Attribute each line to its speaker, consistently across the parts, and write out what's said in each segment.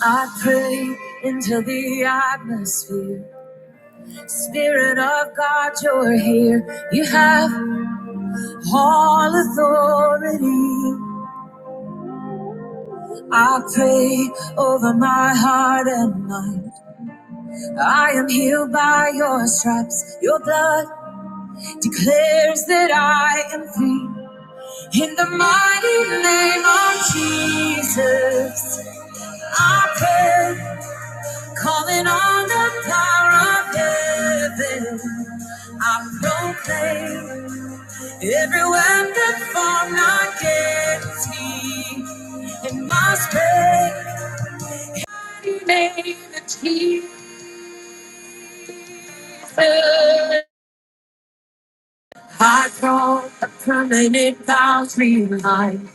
Speaker 1: I pray into the atmosphere. Spirit of God, you're here. You have all authority. I pray over my heart and mind. I am healed by your stripes. Your blood declares that I am free. In the mighty name of Jesus, I pray, calling on the power of heaven. I proclaim every weapon formed against me. In my strength, I draw a permanent boundary line.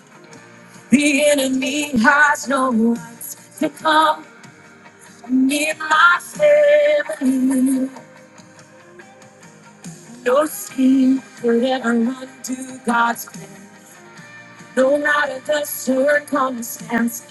Speaker 1: The enemy has no rights, no scheme could ever undo God's plan. No matter the circumstance,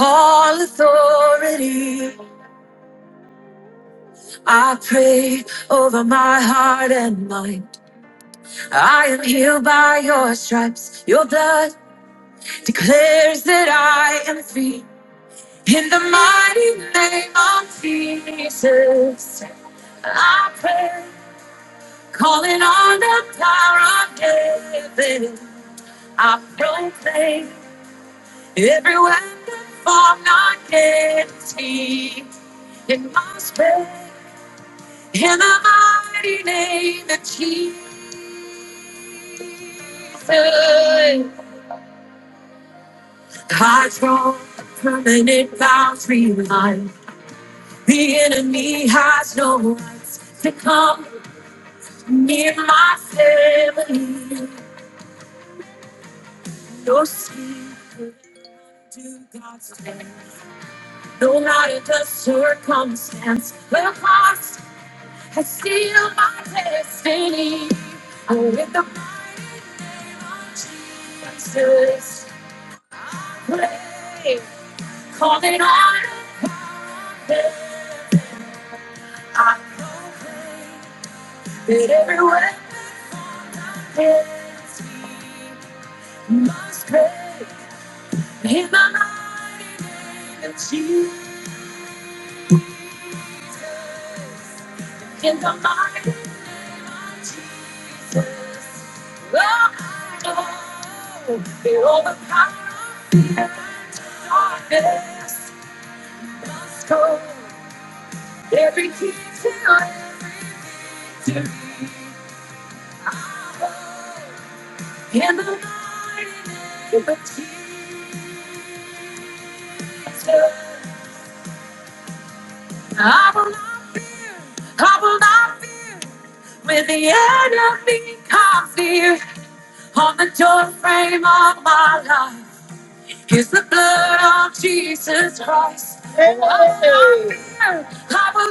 Speaker 1: all authority I pray over my heart and mind. I am healed by your stripes. Your blood declares that I am free. In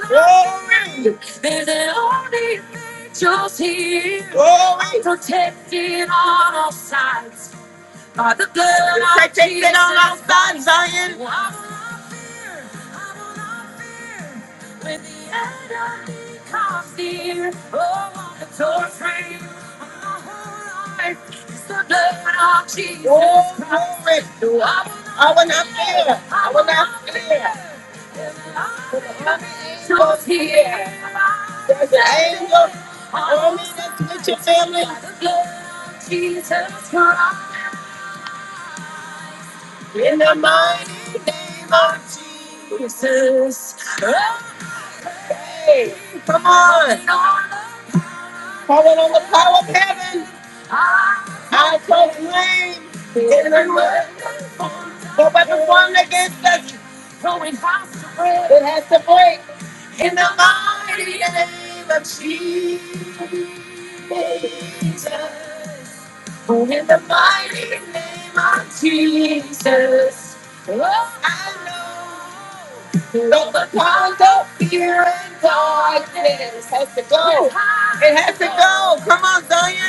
Speaker 1: Glory, glory, Zion, glory. I will not fear. I am your peace with your family. the mighty name of Jesus. Come on, calling on the power of heaven. I proclaim the weapon formed against us. It's a break. Jesus. I know. Go fear. Oh, come on, Zion.